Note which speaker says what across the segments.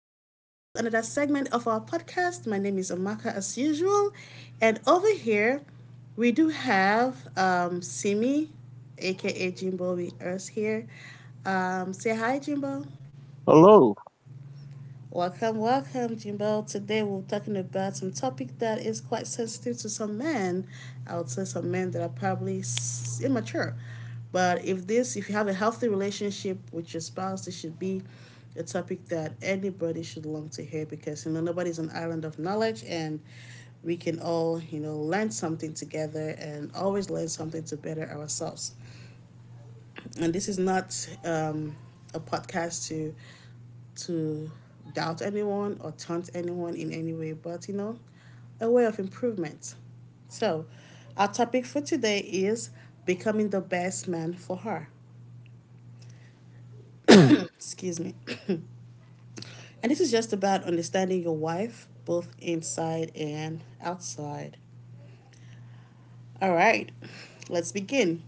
Speaker 1: and welcome to another segment of our podcast. My name is Amaka, as usual, and over here we do have Simi, aka Jimbo with us here. Say hi, Jimbo.
Speaker 2: Hello.
Speaker 1: Welcome, welcome, Jimbo. Today we're talking about some topic that is quite sensitive to some men. I would say some men that are probably immature. But if you have a healthy relationship with your spouse, this should be a topic that anybody should long to hear because nobody's an island of knowledge, and we can all learn something together and always learn something to better ourselves. And this is not um, a podcast to to doubt anyone or taunt anyone in any way, but you know, a way of improvement. So, our topic for today is becoming the best man for her.
Speaker 2: Hmm.
Speaker 1: Excuse me. And this is just about understanding your wife both inside and outside. All right, let's begin.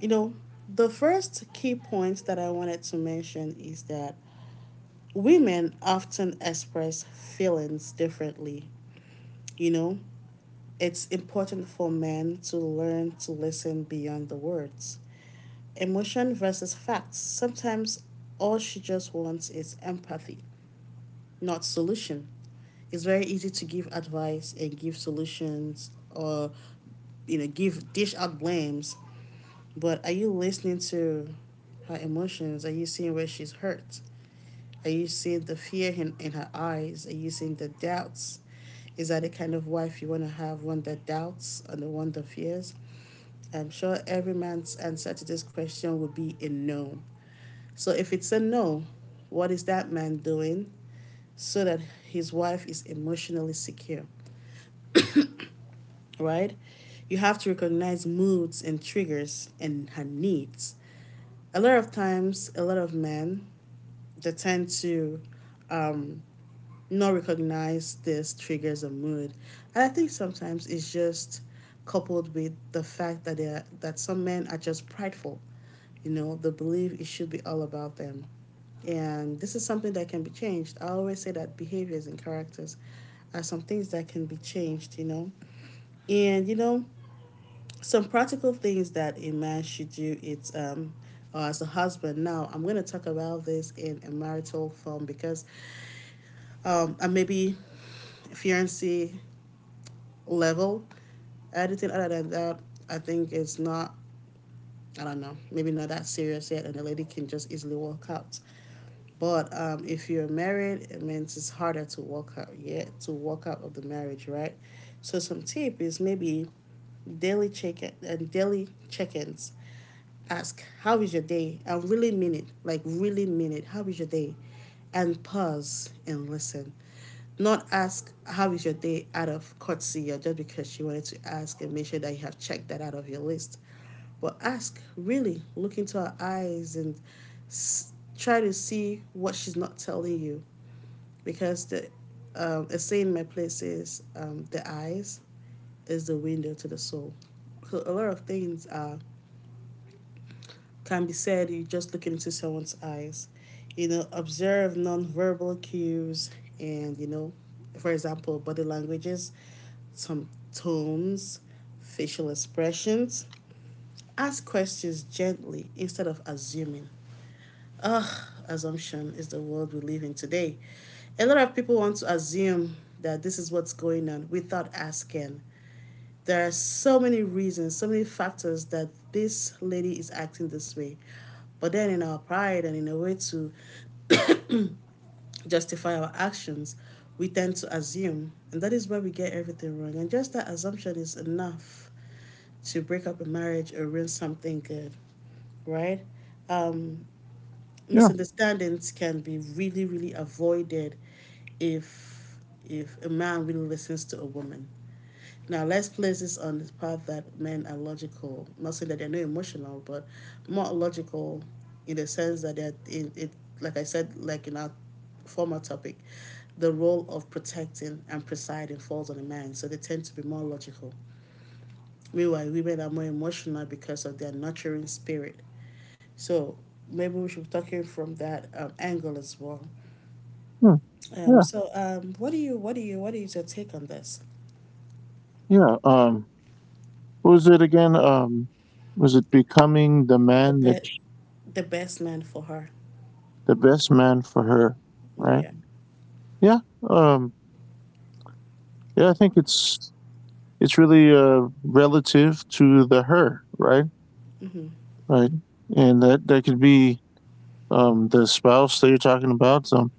Speaker 1: You know, the first key point that I wanted to mention is that women often express feelings differently. You know, it's important for men to learn to listen beyond the words. Emotion versus facts. Sometimes all she just wants is empathy, not solution. It's very easy to give advice and give solutions or you know give dish out blames, but are you listening to her emotions? Are you seeing where she's hurt? Are you seeing the fear in her eyes? Are you seeing the doubts? Is that the kind of wife you want to have? One that doubts and the one that fears? I'm sure every man's answer to this question would be a no. So if it's a no, what is that man doing so that his wife is emotionally secure, right? You have to recognize moods and triggers and her needs. A lot of times, a lot of men they tend to um, not recognize this triggers a mood. And I think sometimes it's just coupled with the fact that that some men are just prideful. You know, they believe it should be all about them. And this is something that can be changed. I always say that behaviors and characters are some things that can be changed, you know. And you know, some practical things that a man should do, it's or as a husband, now I'm going to talk about this in a marital form because and maybe fiancé level. Editing, other than that, I think it's not, I don't know, maybe not that serious yet, and the lady can just easily walk out. But if you're married, it means it's harder to walk out, yet, yeah, to walk out of the marriage, right? So some tip is maybe daily check-ins. Ask, how is your day? I really mean it, like really mean it. How is your day? And pause and listen, not ask how is your day out of courtesy or just because she wanted to ask and make sure that you have checked that out of your list, but ask, really look into her eyes, and try to see what she's not telling you. Because the a saying in my place is, the eyes is the window to the soul. So a lot of things can be said you just looking into someone's eyes, you know. Observe nonverbal cues, and you know, for example, body languages, some tones, facial expressions. Ask questions gently instead of assuming. Ugh, assumption is the world we live in today. A lot of people want to assume that this is what's going on without asking. There are so many reasons, so many factors that this lady is acting this way. But then, in our pride and in a way to justify our actions, we tend to assume. And that is where we get everything wrong. And just that assumption is enough to break up a marriage or ruin something good, right? Um,
Speaker 2: Yeah.
Speaker 1: Misunderstandings can be really, really avoided if if a man really listens to a woman. Now let's place this on the part that men are logical. I'm not saying that they're not emotional, but more logical in the sense that they're in it. Like I said, like in our former topic, the role of protecting and presiding falls on a man, so they tend to be more logical. Meanwhile, women are more emotional because of their nurturing spirit. So maybe we should be talking from that angle as well.
Speaker 2: Hmm.
Speaker 1: Um,
Speaker 2: Yeah.
Speaker 1: so um, what is your take on this?
Speaker 2: Yeah. What was it again? Was it becoming
Speaker 1: The best, the best man for her.
Speaker 2: the best man for her? Right.
Speaker 1: Yeah.
Speaker 2: Yeah. Um. Yeah. I think it's really relative to the her. Right.
Speaker 1: Mm-hmm.
Speaker 2: Right. And that could be the spouse that you're talking about.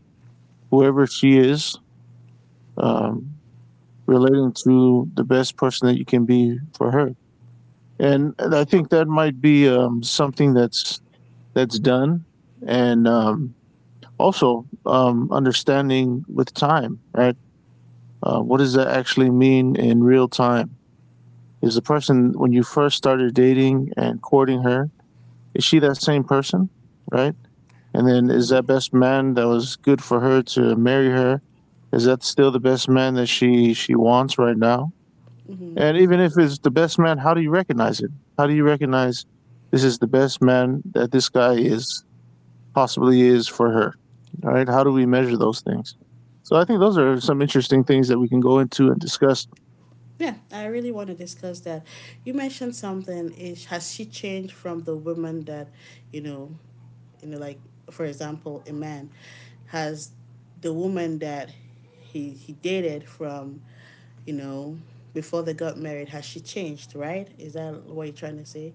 Speaker 2: Whoever she is. Um. Relating to the best person that you can be for her. And I think that might be something that's done, and also, understanding with time, right? What does that actually mean in real time? Is the person when you first started dating and courting her, is she that same person, right? And then, is
Speaker 1: Mhm.
Speaker 2: that best man that was good for her to marry her, is that still the best man that she wants right now?
Speaker 1: Mm-hmm.
Speaker 2: And even if it's the best man, how do you recognize it? How do you recognize this is the best man that this guy is possibly is for her? All right, how do we measure those things? So I think those are some interesting things that we can go into and discuss.
Speaker 1: Yeah, I really want to discuss that. You mentioned something. Is Has she changed from the woman that, you know, you know, like for example, a man, has the woman that he dated from, you know, before they got married. Has she changed? Right? Is that what you're trying to say?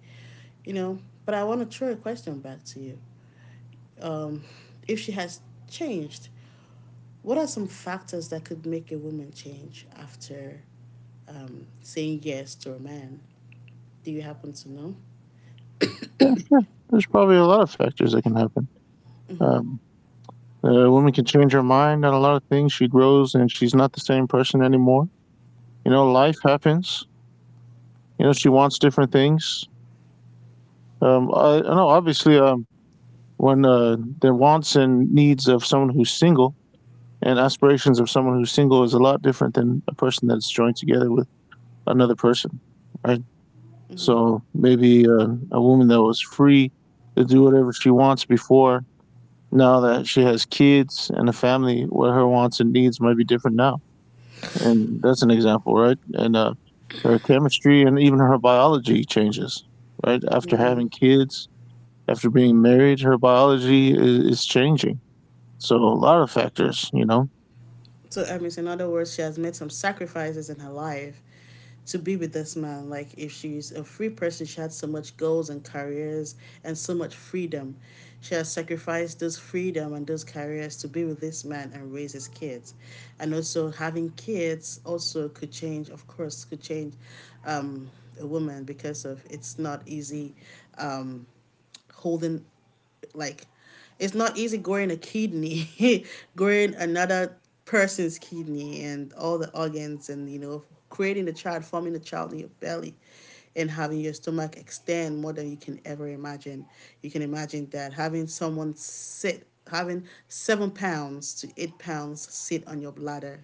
Speaker 1: You know, but I want to throw a question back to you. Um, if she has changed, what are some factors that could make a woman change after saying yes to a man? Do you happen to know?
Speaker 2: Yeah, there's probably a lot of factors that can happen. um, a woman can change her mind on a lot of things. She grows, and she's not the same person anymore. Life happens. She wants different things. I know, obviously. When the wants and needs of someone who's single and aspirations of someone who's single is a lot different than a person that's joined together with another person, right? So maybe a woman that was free to do whatever she wants before, now that she has kids and a family, what her wants and needs might be different now. And that's an example, right? And her chemistry and even her biology changes, right? After having kids, after being married, her biology is changing. So a lot of factors.
Speaker 1: So, I mean, so in other words, she has made some sacrifices in her life to be with this man. Like, if she's a free person, she had so much goals and careers and so much freedom. She has sacrificed those freedom and those careers to be with this man and raise his kids. And also, having kids also could change, of course, could change um, a woman, because of, it's not easy, um, holding, like, it's not easy growing a kidney, growing another person's kidney and all the organs, and you know, creating the child, forming the child in your belly, and having your stomach extend more than you can ever imagine. You can imagine that having someone sit having 7 pounds to 8 pounds sit on your bladder.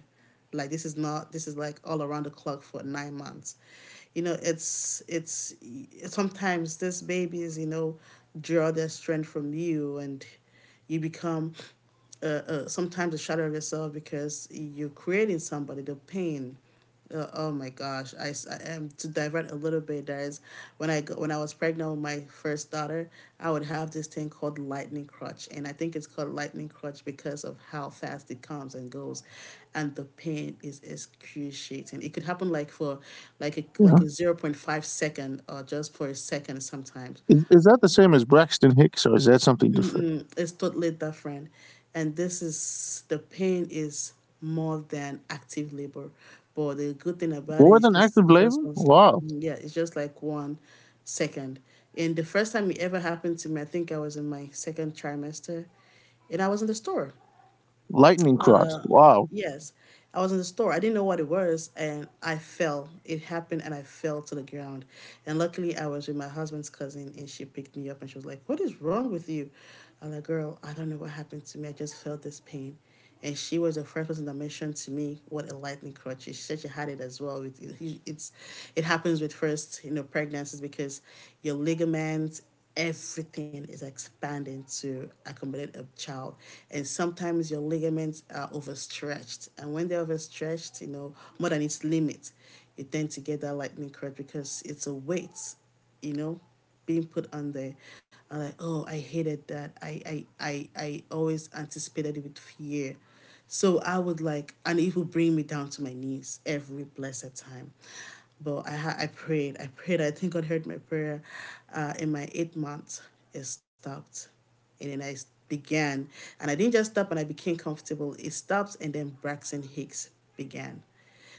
Speaker 1: Like, this is not this is like all around the clock for 9 months. You know, it's sometimes these babies, you know, draw their strength from you, and you become sometimes a shadow of yourself because you're creating somebody. The pain, oh my gosh, I am to divert a little bit. Guys, when I was pregnant with my first daughter, I would have this thing called lightning crutch, and I think it's called lightning crutch because of how fast it comes and goes, and the pain is excruciating. It could happen like a
Speaker 2: You know,
Speaker 1: 0.5 second, or just for a second sometimes.
Speaker 2: is that the same as Braxton Hicks, or is that something different?
Speaker 1: Is totally different, and this is, the pain is more than active labor, but the good thing about it
Speaker 2: More
Speaker 1: is
Speaker 2: than
Speaker 1: just,
Speaker 2: active
Speaker 1: it's just
Speaker 2: labor?
Speaker 1: one,
Speaker 2: Wow.
Speaker 1: yeah, it's just like 1 second. And the first time it ever happened to me, I think I was in my second trimester, and I was in the store.
Speaker 2: Lightning Crotch. Wow.
Speaker 1: Yes, I was in the store. I didn't know what it was, and I fell. It happened, and I fell to the ground. And luckily, I was with my husband's cousin, and she picked me up, and she was like, "What is wrong with you?" I'm like, "Girl, I don't know what happened to me. I just felt this pain." And she was the first person that mentioned to me what a lightning crutch is. She said she had it as well. It happens with first, you know, pregnancies because your ligaments, everything is expanding to accommodate a child. And sometimes your ligaments are overstretched. And when they're overstretched, you know, more than its limit, you tend to get that lightning crutch because it's a weight, you know, being put on there. I'm like, oh, I hated that. I always anticipated it with fear. So I would like, and it would bring me down to my knees every blessed time. But I prayed, I prayed. I think God heard my prayer. In my 8 months, it stopped, and then I began, and I didn't just stop, and I became comfortable. It stopped, and then Braxton Hicks began.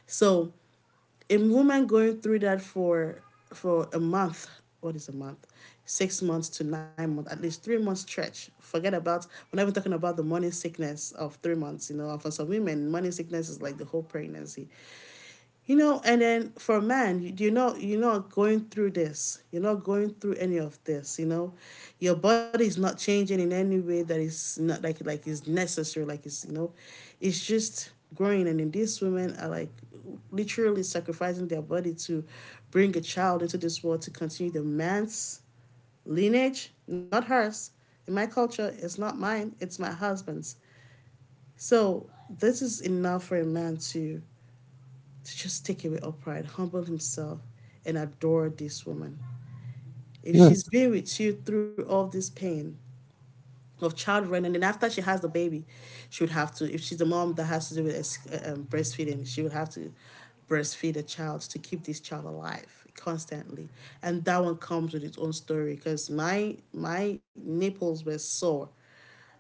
Speaker 1: So a woman going through that for a month, what is a month? 6 months to 9 months, at least 3 months stretch. Forget about, we're not even talking about the morning sickness of 3 months. You know, for some women morning sickness is like the whole pregnancy. You know, and then for man, you know, you're not going through this. You're not going through any of this. You know, your body's not changing in any way that is not like is necessary. Like, it's, you know, it's just growing. And then these women are like literally sacrificing their body to bring a child into this world to continue the man's lineage, not hers. In my culture, it's not mine. It's my husband's. So this is enough for a man to just take away all pride, humble himself, and adore this woman. If she's
Speaker 2: Yes.
Speaker 1: been with you through all this pain of childbirth, and then after she has the baby, she would have to, if she's a mom that has to do with breastfeeding, she would have to breastfeed a child to keep this child alive constantly. And that one comes with its own story because my nipples were sore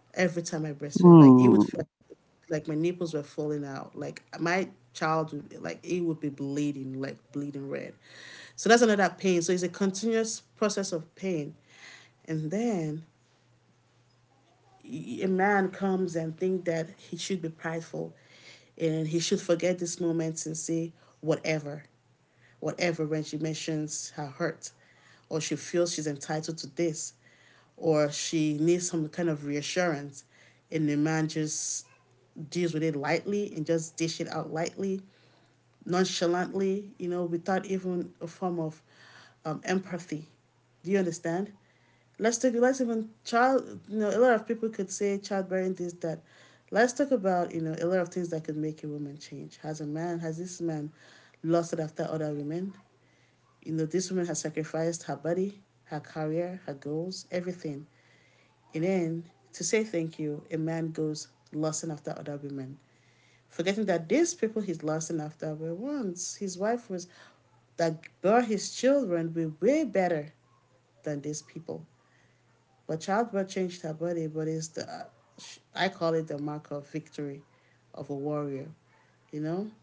Speaker 1: every time I breastfed. Like it
Speaker 2: Hmm.
Speaker 1: would, like my nipples were falling out. Like my child would, like it would be bleeding, like bleeding red. So that's another pain. So it's a continuous process of pain, and then a man comes and think that he should be prideful and he should forget these moments and say whatever, whatever when she mentions her hurt, or she feels she's entitled to this, or she needs some kind of reassurance, and the man just deals with it lightly and just dish it out lightly, nonchalantly, you know, without even a form of empathy. Do you understand? Let's take, let's even child. You know, a lot of people could say childbearing this that. Let's talk about, you know, a lot of things that could make a woman change. Has this man lusted after other women? You know, this woman has sacrificed her body, her career, her goals, everything. And then to say thank you, a man goes lusting after other women, forgetting that these people he's lusting after, were once, his wife was, that bore his children, were way better than these people. But childbirth changed her body, but it's the, I call it the mark of victory of a warrior, you know?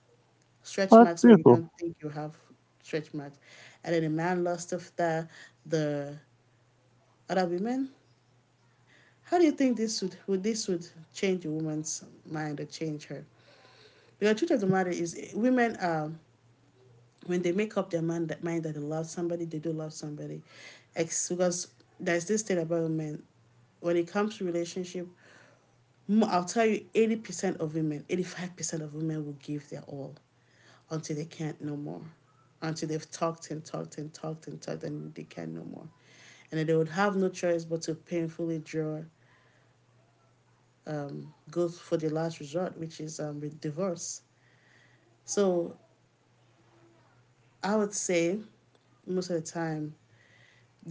Speaker 2: Oh,
Speaker 1: Stretch
Speaker 2: that's
Speaker 1: marks where you
Speaker 2: beautiful.
Speaker 1: don't think you have stretch marks. And then a man lost after the other women. How do you think this would this, would change a woman's mind or change her? Because the truth of the matter is, eh, women when they make up their mind, mind that they love somebody, they do love somebody. Because there's this thing about women when it comes to relationship, I'll tell you, 80% of women, 85% of women will give their all until they can't no more. Until they've talked and talked and talked and talked and they can no more. And then they would have no choice but to painfully draw, go for the last resort, which is with divorce. So I would say most of the time,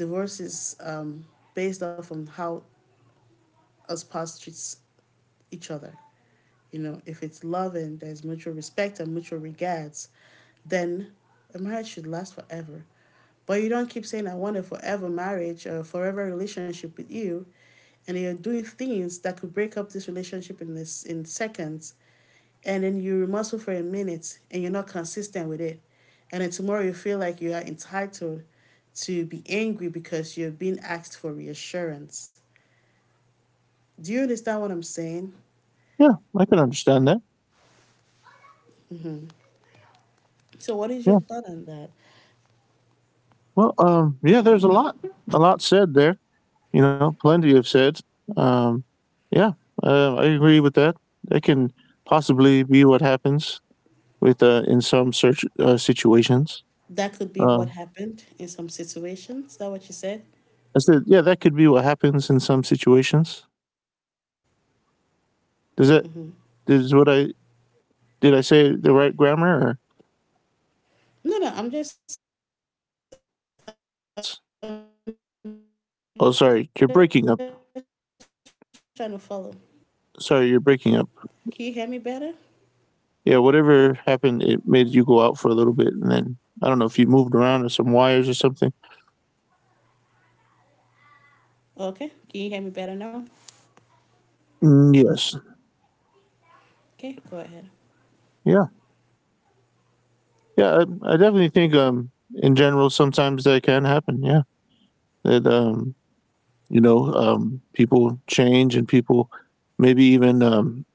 Speaker 1: divorce is based off on how a spouse treats each other. You know, if it's love and there's mutual respect and mutual regards, then a marriage should last forever. But you don't keep saying, I want a forever marriage or a forever relationship with you, and you're doing things that could break up this relationship in this in seconds, and then you remorseful for a minute and you're not consistent with it. And then tomorrow you feel like you are entitled to be angry because you're being asked for reassurance. Do you understand what I'm saying?
Speaker 2: Yeah, I can understand that.
Speaker 1: So what is
Speaker 2: Yeah.
Speaker 1: your thought on that?
Speaker 2: Well, yeah, there's a lot said there. Plenty of said. Um, yeah, I agree with that. That can possibly be what happens with, in some search situations.
Speaker 1: That could be what
Speaker 2: Um,
Speaker 1: happened in some situations. Is that what you said?
Speaker 2: I said, yeah, that could be what happens in some situations. Does that is what I did? I say the right grammar? Or?
Speaker 1: No, no, I'm just, I'm just trying to follow.
Speaker 2: Oh, sorry, you're breaking up.
Speaker 1: Can you hear me better?
Speaker 2: Sorry, you're breaking up. Yeah, whatever happened, it made you go out for a little bit, and then I don't know if you moved around or some wires or something.
Speaker 1: Okay. Can you hear me better now?
Speaker 2: Mm, yes,
Speaker 1: Okay, go ahead.
Speaker 2: yeah, yeah. I definitely think, in general, sometimes that can happen. Yeah, that people change and people maybe even um,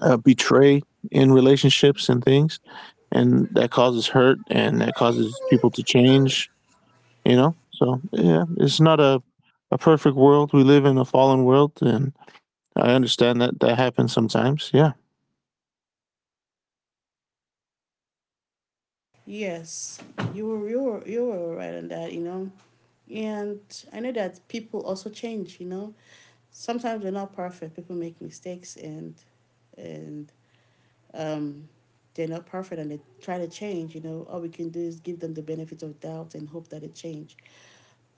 Speaker 2: uh, betray in relationships and things, and that causes hurt and that causes people to change. So yeah, it's not a perfect world. We live in a fallen world, and I understand that that happens sometimes. Yeah.
Speaker 1: Yes, you were right on that, you know. And I know that people also change, you know. Sometimes we're not perfect. People make mistakes, and um, they're not perfect and they try to change, you know, all we can do is give them the benefit of doubt and hope that it change.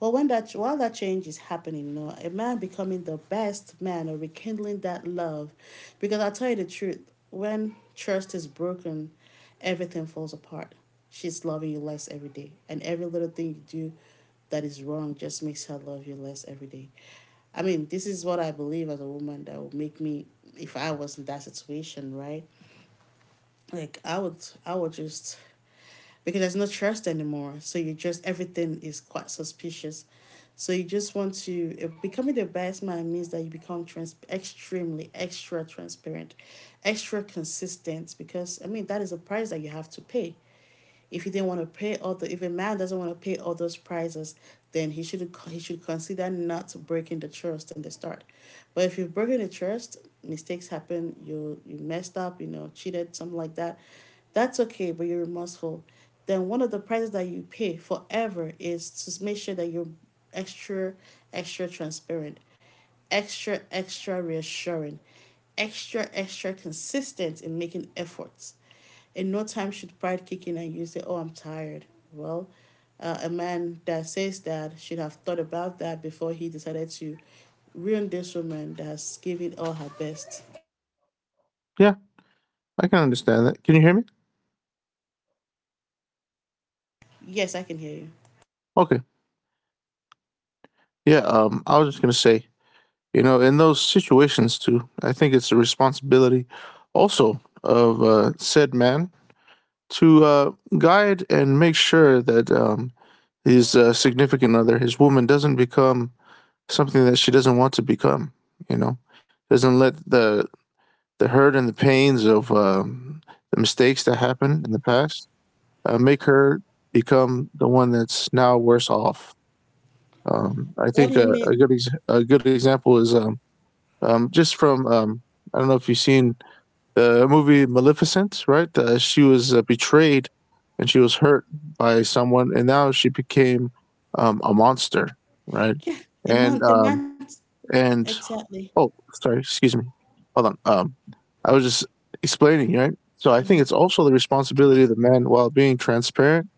Speaker 1: Well, when that while that change is happening, you know, a man becoming the best man or rekindling that love, because I'll tell you the truth, when trust is broken, everything falls apart. She's loving you less every day, and every little thing you do that is wrong just makes her love you less every day. I mean, this is what I believe as a woman, that would make me, if I was in that situation, right? Like I would, I would just, because there's no trust anymore. So you just, everything is quite suspicious. So you just want to, becoming the best man means that you become trans extremely extra transparent, extra consistent, because I mean that is a price that you have to pay. If a man doesn't want to pay all those prices, then he should consider not breaking the trust in the start. But if you've broken the trust, mistakes happen. You messed up. You know, cheated, something like that. That's okay, but you're remorseful. Then one of the prices that you pay forever is to make sure that you're extra, extra transparent, extra, extra reassuring, extra, extra consistent in making efforts. In no time should pride kick in and you say, oh, I'm tired. Well, a man that says that should have thought about that before he decided to ruin this woman that has given all her best.
Speaker 2: Yeah. I can understand that. Can you hear me?
Speaker 1: Yes, I can hear you.
Speaker 2: Okay. Yeah. I was just going to say, in those situations too, I think it's the responsibility also of said man to guide and make sure that his significant other, his woman, doesn't become something that she doesn't want to become, you know, doesn't let the hurt and the pains of the mistakes that happened in the past make her become the one that's now worse off. I
Speaker 1: What do
Speaker 2: think
Speaker 1: you
Speaker 2: a, a
Speaker 1: mean?
Speaker 2: good ex- a good example is just from I don't know if you've seen the movie Maleficent, right? She was betrayed, and she was hurt by someone, and now she became a monster, right?
Speaker 1: Yeah, a
Speaker 2: And
Speaker 1: man, the
Speaker 2: um,
Speaker 1: man,
Speaker 2: and
Speaker 1: exactly.
Speaker 2: oh, sorry, excuse me, hold on. I was just explaining, right? So I think it's also the responsibility of the man while being transparent,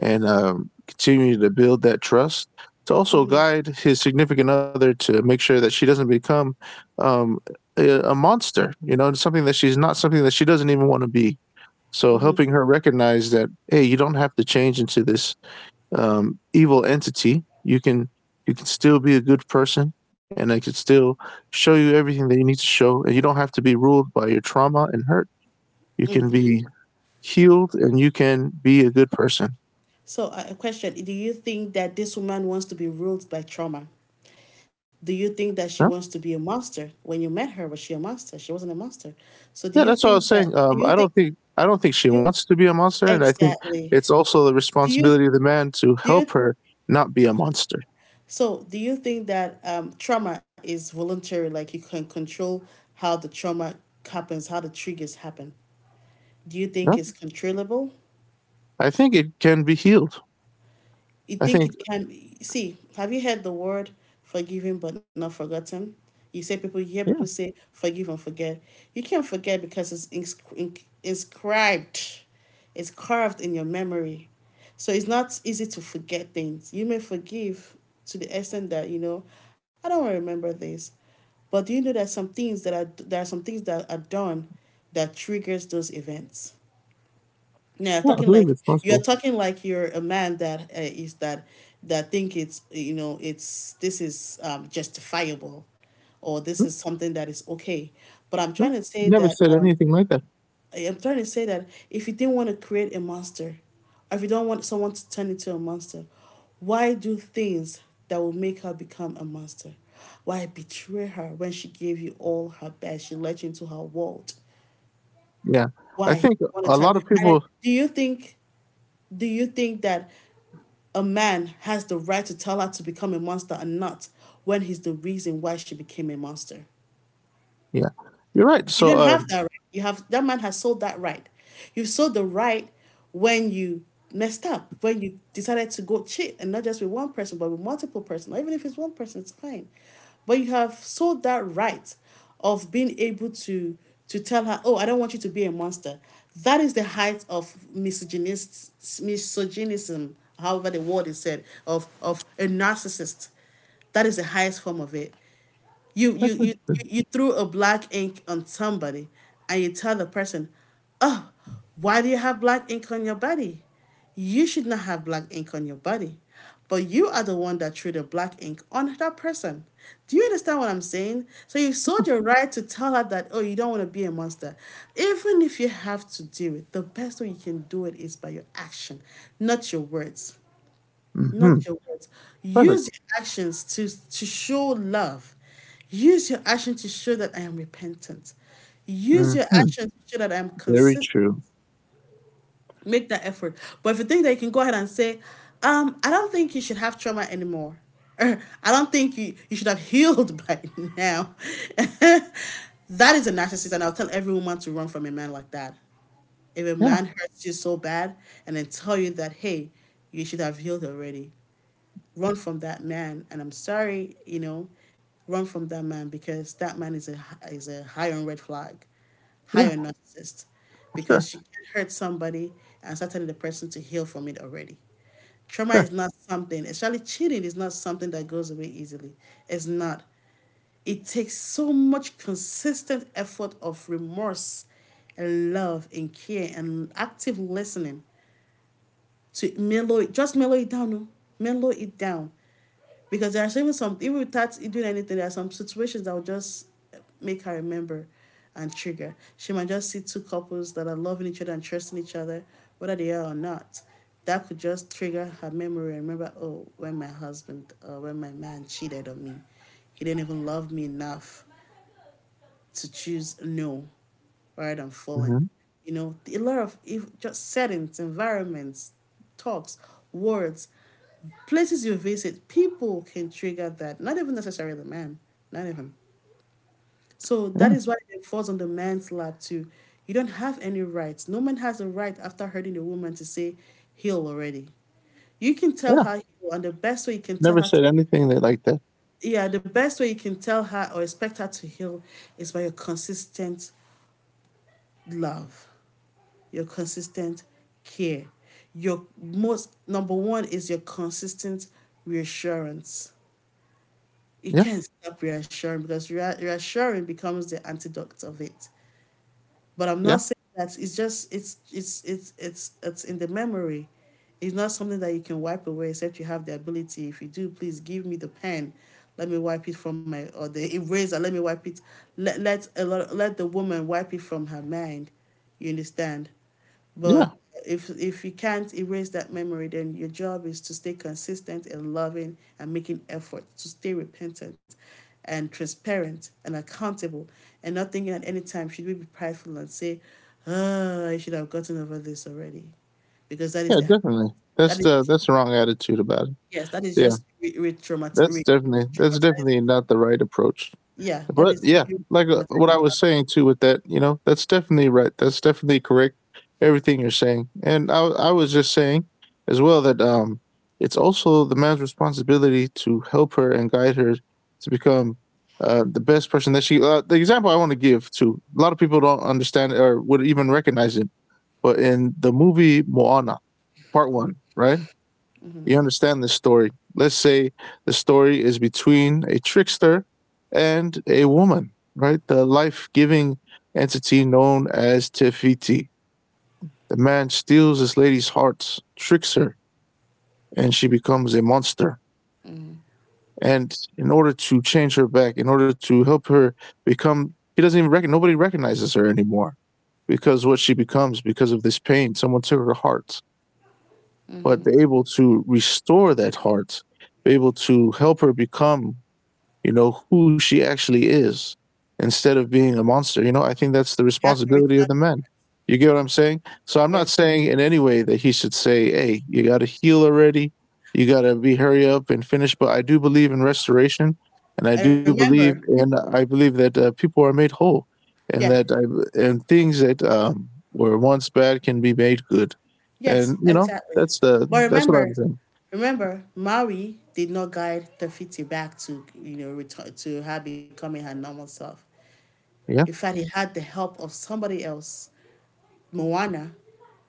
Speaker 2: and continue to build that trust. To also guide his significant other to make sure that she doesn't become um, a monster, something that she's not, something that she doesn't even want to be. So helping her recognize that, hey, you don't have to change into this evil entity. You can still be a good person, and I can still show you everything that you need to show, and you don't have to be ruled by your trauma and hurt. You can be healed, and you can be a good person.
Speaker 1: So, a question. Do you think that this woman wants to be ruled by trauma? Do you think that she wants to be a monster? When you met her, was she a monster? She wasn't a monster. So do
Speaker 2: Yeah,
Speaker 1: you
Speaker 2: that's what I
Speaker 1: think
Speaker 2: was
Speaker 1: that,
Speaker 2: saying.
Speaker 1: do you
Speaker 2: I
Speaker 1: think
Speaker 2: don't think
Speaker 1: do
Speaker 2: she
Speaker 1: you
Speaker 2: wants to be a monster, and I think
Speaker 1: exactly
Speaker 2: it's also the
Speaker 1: do you
Speaker 2: responsibility of the man to
Speaker 1: do you
Speaker 2: help her not be a monster.
Speaker 1: so do you think that trauma is voluntary? Like you can control how the trauma happens, how the triggers happen. Do you
Speaker 2: Yeah?
Speaker 1: think it's controllable?
Speaker 2: I think it can be healed.
Speaker 1: You
Speaker 2: I
Speaker 1: think
Speaker 2: think,
Speaker 1: it can be? See, have you heard the word forgiven but not forgotten? You say people, you hear people
Speaker 2: yeah,
Speaker 1: say forgive and forget. You can't forget because it's inscribed, it's carved in your memory. So it's not easy to forget things. You may forgive to the extent that, you know, I don't really remember this. But do you know that some things that are, there are some things that are done that triggers those events? Yeah,
Speaker 2: yeah, I
Speaker 1: talking
Speaker 2: believe
Speaker 1: like,
Speaker 2: it's
Speaker 1: you're
Speaker 2: possible.
Speaker 1: talking like you're a man that is that, that think it's, you know, it's, this is justifiable, or this is something that is okay. But I'm
Speaker 2: Yeah?
Speaker 1: trying to say
Speaker 2: Never
Speaker 1: that
Speaker 2: said anything like that.
Speaker 1: I'm trying to say that if you didn't want to create a monster, or if you don't want someone to turn into a monster, why do things that will make her become a monster? Why betray her when she gave you all her best? She let you into her world.
Speaker 2: Yeah, I
Speaker 1: Why
Speaker 2: think
Speaker 1: want to
Speaker 2: a
Speaker 1: turn,
Speaker 2: lot of
Speaker 1: and then,
Speaker 2: people.
Speaker 1: do you think, do you think that a man has the right to tell her to become a monster and not, when he's the reason why she became a monster.
Speaker 2: Yeah, you're right.
Speaker 1: You
Speaker 2: So
Speaker 1: don't have that right. You have that man has sold that right. You sold the right when you messed up, when you decided to go cheat and not just with one person, but with multiple person. Even if it's one person, it's fine. But you have sold that right of being able to tell her, oh, I don't want you to be a monster. That is the height of misogynist, misogynism, however the word is said, of a narcissist. That is the highest form of it. You
Speaker 2: that's
Speaker 1: you you
Speaker 2: interesting.
Speaker 1: you threw a black ink on somebody, and you tell the person, "Oh, why do you have black ink on your body? You should not have black ink on your body." But you are the one that threw the black ink on that person. Do you understand what I'm saying? So you sold your right to tell her that, oh, you don't want to be a monster. Even if you have to do it, the best way you can do it is by your action, not your words,
Speaker 2: Hmm.
Speaker 1: not your words.
Speaker 2: Perfect.
Speaker 1: Use your actions to show love. Use your action to show that I am repentant. Use your
Speaker 2: Hmm.
Speaker 1: action to show that I am
Speaker 2: Very
Speaker 1: consistent.
Speaker 2: true.
Speaker 1: Make that effort. But if you think that you can go ahead and say, I don't think you should have trauma anymore. Or, I don't think you, you should have healed by now. That is a narcissist, and I'll tell every woman to run from a man like that. If a
Speaker 2: Yeah,
Speaker 1: man hurts you so bad and then tell you that, hey, you should have healed already, run from that man and I'm sorry, run from that man because that man is a high on red flag,
Speaker 2: yeah,
Speaker 1: high on narcissist,
Speaker 2: sure,
Speaker 1: because she can hurt somebody and certainly the person to heal from it already. Trauma
Speaker 2: sure.
Speaker 1: is not something, especially cheating is not something that goes away easily. It's not. It takes so much consistent effort of remorse and love and care and active listening to mellow it, just mellow it down oh. Mellow it down, because there are even some, even without doing anything, there are some situations that will just make her remember and trigger. She might just see two couples that are loving each other and trusting each other, whether they are or not. That could just trigger her memory and remember, oh, when my husband or when my man cheated on me, he didn't even love me enough to choose, no, rather than falling.
Speaker 2: Hmm.
Speaker 1: You know, a lot of if, just settings, environments, talks, words, places you visit, people can trigger that. Not even necessarily the man, not even. So
Speaker 2: Yeah,
Speaker 1: that is why it falls on the man's lap too. You don't have any rights. No man has a right after hurting a woman to say heal already. You can tell
Speaker 2: yeah.
Speaker 1: her heal, and the best way you can tell
Speaker 2: Never
Speaker 1: her to,
Speaker 2: said anything that like that.
Speaker 1: yeah, the best way you can tell her or expect her to heal is by your consistent love. Your consistent care. Your most number one is your consistent reassurance. You
Speaker 2: Yeah,
Speaker 1: can't stop reassuring, because reassuring becomes the antidote of it. But I'm
Speaker 2: yeah,
Speaker 1: not saying that, it's just it's in the memory. It's not something that you can wipe away, except you have the ability. If you do, please give me the pen. Let me wipe it from my, or the eraser. Let me wipe it. Let the woman wipe it from her mind. You understand?
Speaker 2: yeah.
Speaker 1: But if you can't erase that memory, then your job is to stay consistent and loving and making effort to stay repentant and transparent and accountable, and not thinking at any time should we be prideful and say, oh, I should have gotten over this already. Because that is
Speaker 2: Yeah, definitely. That's
Speaker 1: that
Speaker 2: the
Speaker 1: is
Speaker 2: that's the wrong attitude about it.
Speaker 1: yes, that is
Speaker 2: Yeah,
Speaker 1: just
Speaker 2: that's definitely that's definitely
Speaker 1: traumatizing her.
Speaker 2: not the right approach.
Speaker 1: Yeah, that
Speaker 2: But
Speaker 1: is
Speaker 2: yeah,
Speaker 1: you
Speaker 2: like what I
Speaker 1: traumatizing her.
Speaker 2: was saying too with that, that's definitely right. That's definitely correct. Everything you're saying, and I was just saying as well that it's also the man's responsibility to help her and guide her to become the best person that she. The example I want to give too. A lot of people don't understand or would even recognize it, but in the movie Moana Part One, right? You understand this story. Let's say the story is between a trickster and a woman, right? The life giving entity known as Tefiti. The man steals this lady's heart, tricks her, and she becomes a monster. And in order to change her back, in order to help her become, he doesn't even recognize, nobody recognizes her anymore, because what she becomes because of this pain. Someone took her heart, but they're able to restore that heart, be able to help her become, who she actually is, instead of being a monster. I think that's the
Speaker 1: You had to
Speaker 2: responsibility of
Speaker 1: return.
Speaker 2: the men. You get what I'm saying? So I'm
Speaker 1: Yeah,
Speaker 2: not saying in any way that he should say, hey, you got to heal already. You got to be hurry up and finish. But I do believe in restoration. And I
Speaker 1: I
Speaker 2: do believe,
Speaker 1: remember.
Speaker 2: and I believe that people are made whole, and
Speaker 1: Yeah.
Speaker 2: and things that were once bad can be made good.
Speaker 1: Yes,
Speaker 2: And,
Speaker 1: exactly. But
Speaker 2: that's what I'm
Speaker 1: remember,
Speaker 2: saying.
Speaker 1: remember, Maui did not guide Tafiti back to, you know, return to her becoming her normal self. In
Speaker 2: Yeah.
Speaker 1: fact, he had the help of somebody else, Moana,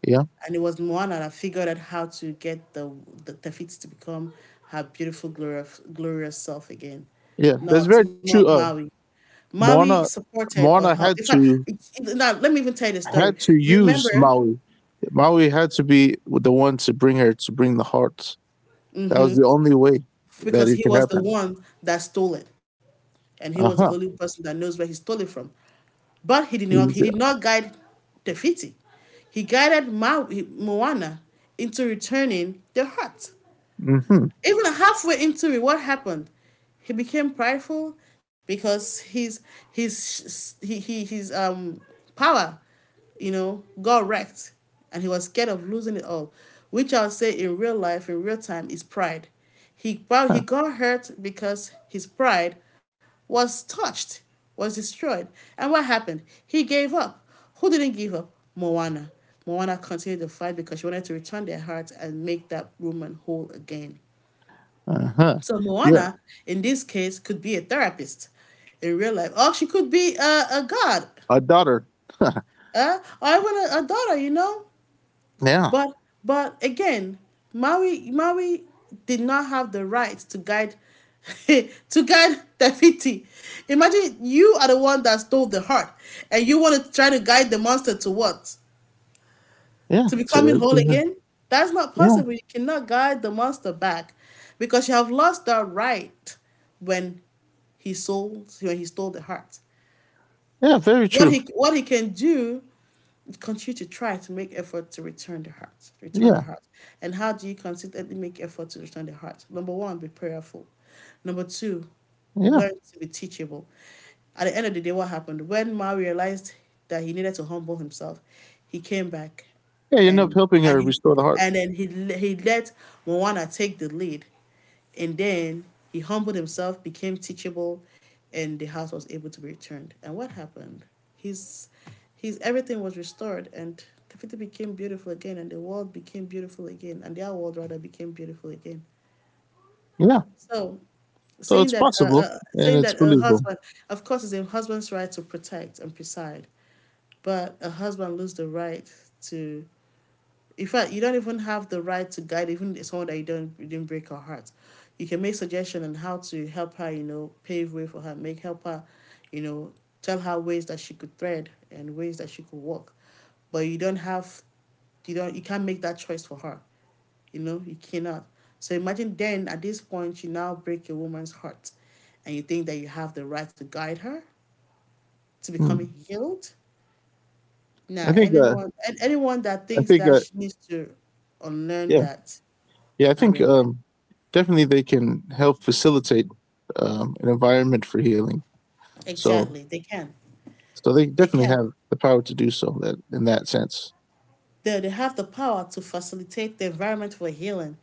Speaker 2: Yeah.
Speaker 1: and it was Moana that figured out how to get the Tafiti to become her beautiful, glorious, glorious self again.
Speaker 2: Yeah. That's
Speaker 1: Not
Speaker 2: very
Speaker 1: not
Speaker 2: true.
Speaker 1: Maui. Maui
Speaker 2: Moana
Speaker 1: supported or
Speaker 2: Moana
Speaker 1: helped.
Speaker 2: had
Speaker 1: In fact,
Speaker 2: to
Speaker 1: now let me even tell you the story.
Speaker 2: had to use
Speaker 1: Remember,
Speaker 2: Maui. Maui had to be the one to bring the heart. That was the only way that
Speaker 1: because
Speaker 2: it
Speaker 1: he
Speaker 2: could
Speaker 1: was the
Speaker 2: happen.
Speaker 1: one that stole it, and he
Speaker 2: Uh
Speaker 1: was the
Speaker 2: huh.
Speaker 1: only person that knows where he stole it from. But he did not. He did not guide Tefiti. He guided Moana into returning the heart.
Speaker 2: Mm-hmm.
Speaker 1: Even halfway into it, what happened? He became prideful because his he his power, you know, got wrecked, and he was scared of losing it all, which I'll say in real life, in real time, is pride.
Speaker 2: Uh huh.
Speaker 1: He got hurt because his pride was touched, was destroyed, and what happened? He gave up. Who didn't give up? Moana. Moana continued the fight because she wanted to return their hearts and make that woman whole again.
Speaker 2: Uh-huh.
Speaker 1: So
Speaker 2: Yeah,
Speaker 1: Moana, in this case, could be a therapist in real life, or she could be a god,
Speaker 2: a daughter.
Speaker 1: or even a daughter, you know.
Speaker 2: Yeah,
Speaker 1: But but again, Maui did not have the right to guide to guide Tafiti. Imagine you are the one that stole the heart, and you want to try to guide the monster to what?
Speaker 2: yeah.
Speaker 1: To becoming
Speaker 2: To
Speaker 1: whole
Speaker 2: be the-
Speaker 1: again? That's not
Speaker 2: yeah,
Speaker 1: possible. You cannot guide the monster back, because you have lost that right when he sold when he stole the heart.
Speaker 2: yeah. Very
Speaker 1: What
Speaker 2: true.
Speaker 1: he what he can do, continue to try to make effort to return the heart, return the
Speaker 2: Yeah,
Speaker 1: heart. And how do you consistently make effort to return the heart? Number one, be prayerful. Number two,
Speaker 2: yeah,
Speaker 1: learn to be teachable. At the end of the day, what happened? When Ma realized that he needed to humble himself, he came back,
Speaker 2: yeah. You end up
Speaker 1: and
Speaker 2: helping
Speaker 1: and
Speaker 2: her
Speaker 1: he,
Speaker 2: restore the heart.
Speaker 1: and then he let Moana take the lead. And then he humbled himself, became teachable, and the house was able to be returned. And what happened? His his everything was restored, and the city became beautiful again and the world became beautiful again, and their world rather became beautiful again.
Speaker 2: Yeah.
Speaker 1: So
Speaker 2: So it's possible and
Speaker 1: saying
Speaker 2: it's
Speaker 1: that a
Speaker 2: believable.
Speaker 1: husband, of course it's a husband's right to protect and preside, but a husband loses the right to, in fact, you don't even have the right to guide even someone that you didn't break her heart. You can make suggestion on how to help her, you know, pave way for her, make help her, you know, tell her ways that she could thread and ways that she could walk. But you don't have you don't you can't make that choice for her. You know, you cannot. So imagine then at this point you now break a woman's heart and you think that you have the right to guide her to
Speaker 2: Hmm.
Speaker 1: becoming healed. Now,
Speaker 2: I think. Uh,
Speaker 1: anyone, and anyone that
Speaker 2: I
Speaker 1: thinks
Speaker 2: think.
Speaker 1: that
Speaker 2: Uh,
Speaker 1: she needs to unlearn
Speaker 2: Yeah.
Speaker 1: that
Speaker 2: Yeah, I
Speaker 1: and
Speaker 2: think
Speaker 1: relearn.
Speaker 2: definitely they can help facilitate an environment for healing. So,
Speaker 1: Exactly, they can.
Speaker 2: so they
Speaker 1: They
Speaker 2: definitely
Speaker 1: can.
Speaker 2: have the power to do so. That in that sense,
Speaker 1: They have the power to facilitate the environment for healing.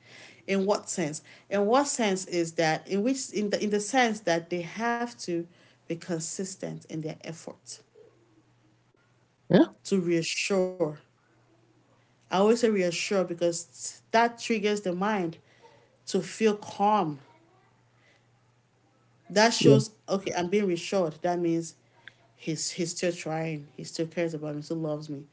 Speaker 1: In what sense? In what sense is that? In which, in the sense that they have to be consistent in their effort
Speaker 2: yeah,
Speaker 1: to reassure. I always say reassure because that triggers the mind to feel calm. That
Speaker 2: yeah.
Speaker 1: shows, okay, I'm being reassured. That means he's still trying. He still cares about me. Still loves me.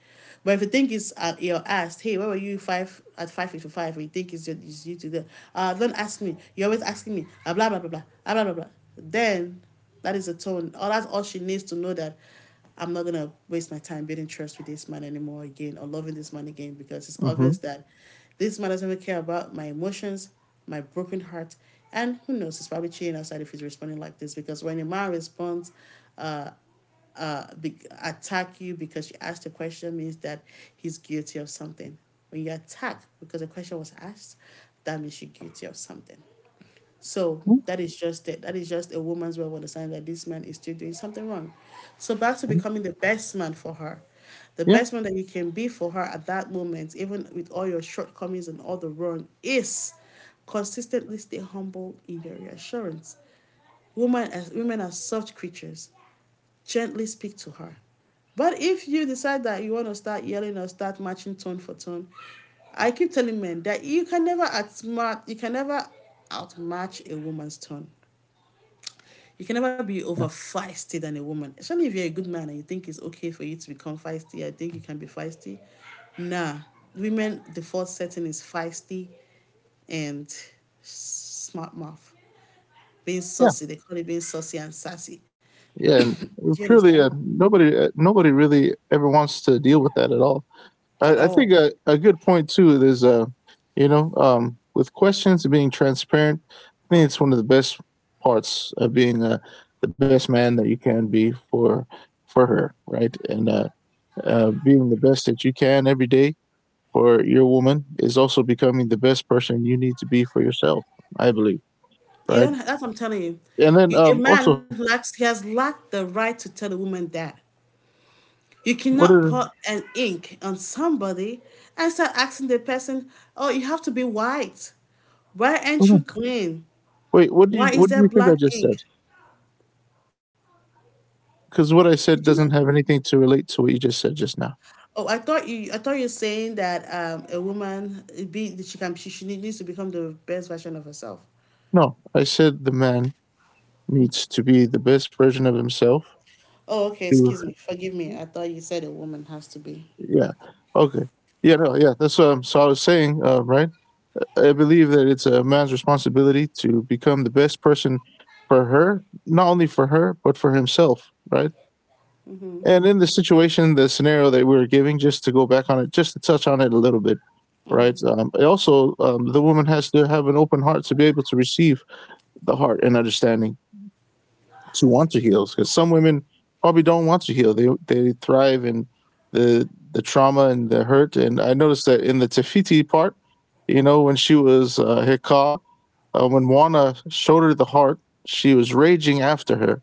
Speaker 1: But if you think it's you're asked, hey, where were you five at 5:55? You think it's, your, it's you to the don't ask me. You're always asking me. Blah blah blah blah blah blah blah blah. Then that is the tone. All, that's all she needs to know, that I'm not gonna waste my time building trust with this man anymore again, or loving this man again, because it's obvious
Speaker 2: Hmm.
Speaker 1: that this man doesn't even care about my emotions, my broken heart, and who knows, he's probably cheating outside if he's responding like this. Because when a man responds, uh, be- attack you because you asked a question, means that he's guilty of something. When you attack because a question was asked, that means you're guilty of something. So that is just it. That is just a woman's way of understanding that this man is still doing something wrong. So back to becoming the best man for her. The
Speaker 2: Yeah,
Speaker 1: best man that you can be for her at that moment, even with all your shortcomings and all the wrong, is consistently stay humble in your reassurance. Women, as women are soft creatures, gently speak to her. But if you decide that you want to start yelling or start matching tone for tone, I keep telling men that you can never outsmart, you can never outmatch a woman's tone. You can never be over
Speaker 2: yeah,
Speaker 1: feisty than a woman. Especially if you're a good man and you think it's okay for you to become feisty, I think you can be feisty. Nah, women default setting is feisty and smart mouth. Being
Speaker 2: yeah,
Speaker 1: saucy, they call it being saucy and sassy.
Speaker 2: yeah. And
Speaker 1: Do you understand?
Speaker 2: truly, nobody really ever wants to deal with that at all.
Speaker 1: At
Speaker 2: I think
Speaker 1: all.
Speaker 2: a good point too is with questions and being transparent, I think it's one of the best parts of being the best man that you can be for her, right? And being the best that you can every day for your woman is also becoming the best person you need to be for yourself, I believe,
Speaker 1: You
Speaker 2: right?
Speaker 1: don't. That's what I'm telling you.
Speaker 2: And then
Speaker 1: A
Speaker 2: also,
Speaker 1: man lacks. He has lacked the right to tell a woman that. You
Speaker 2: what
Speaker 1: cannot
Speaker 2: are
Speaker 1: put an ink on somebody and start asking the person, "Oh, you have to be white. Why
Speaker 2: hold
Speaker 1: aren't you
Speaker 2: on.
Speaker 1: clean?
Speaker 2: Wait, what do you
Speaker 1: Why is
Speaker 2: what do
Speaker 1: there
Speaker 2: you think I
Speaker 1: black
Speaker 2: just said?
Speaker 1: ink?
Speaker 2: Because what I
Speaker 1: Did
Speaker 2: said
Speaker 1: you know?"
Speaker 2: doesn't have anything to relate to what you just said just now.
Speaker 1: Oh, I thought you were saying that a woman, it be that she can she needs to become the best version of herself.
Speaker 2: No, I said the man needs to be the best version of himself.
Speaker 1: Oh, okay. Excuse
Speaker 2: To
Speaker 1: me. Forgive me. I thought you said a woman has to be.
Speaker 2: Yeah, okay, yeah, no, yeah. That's. So I was saying, right? I believe that it's a man's responsibility to become the best person for her, not only for her but for himself, right? And in the situation, the scenario that we were giving, just to go back on it, just to touch on it a little bit, right? Also, the woman has to have an open heart to be able to receive the heart and understanding. To want to heal, because some women probably don't want to heal. They thrive in the trauma and the hurt. And I noticed that in the Tefiti part, you know, when she was Hika, when Wana showed her the heart, she was raging after her.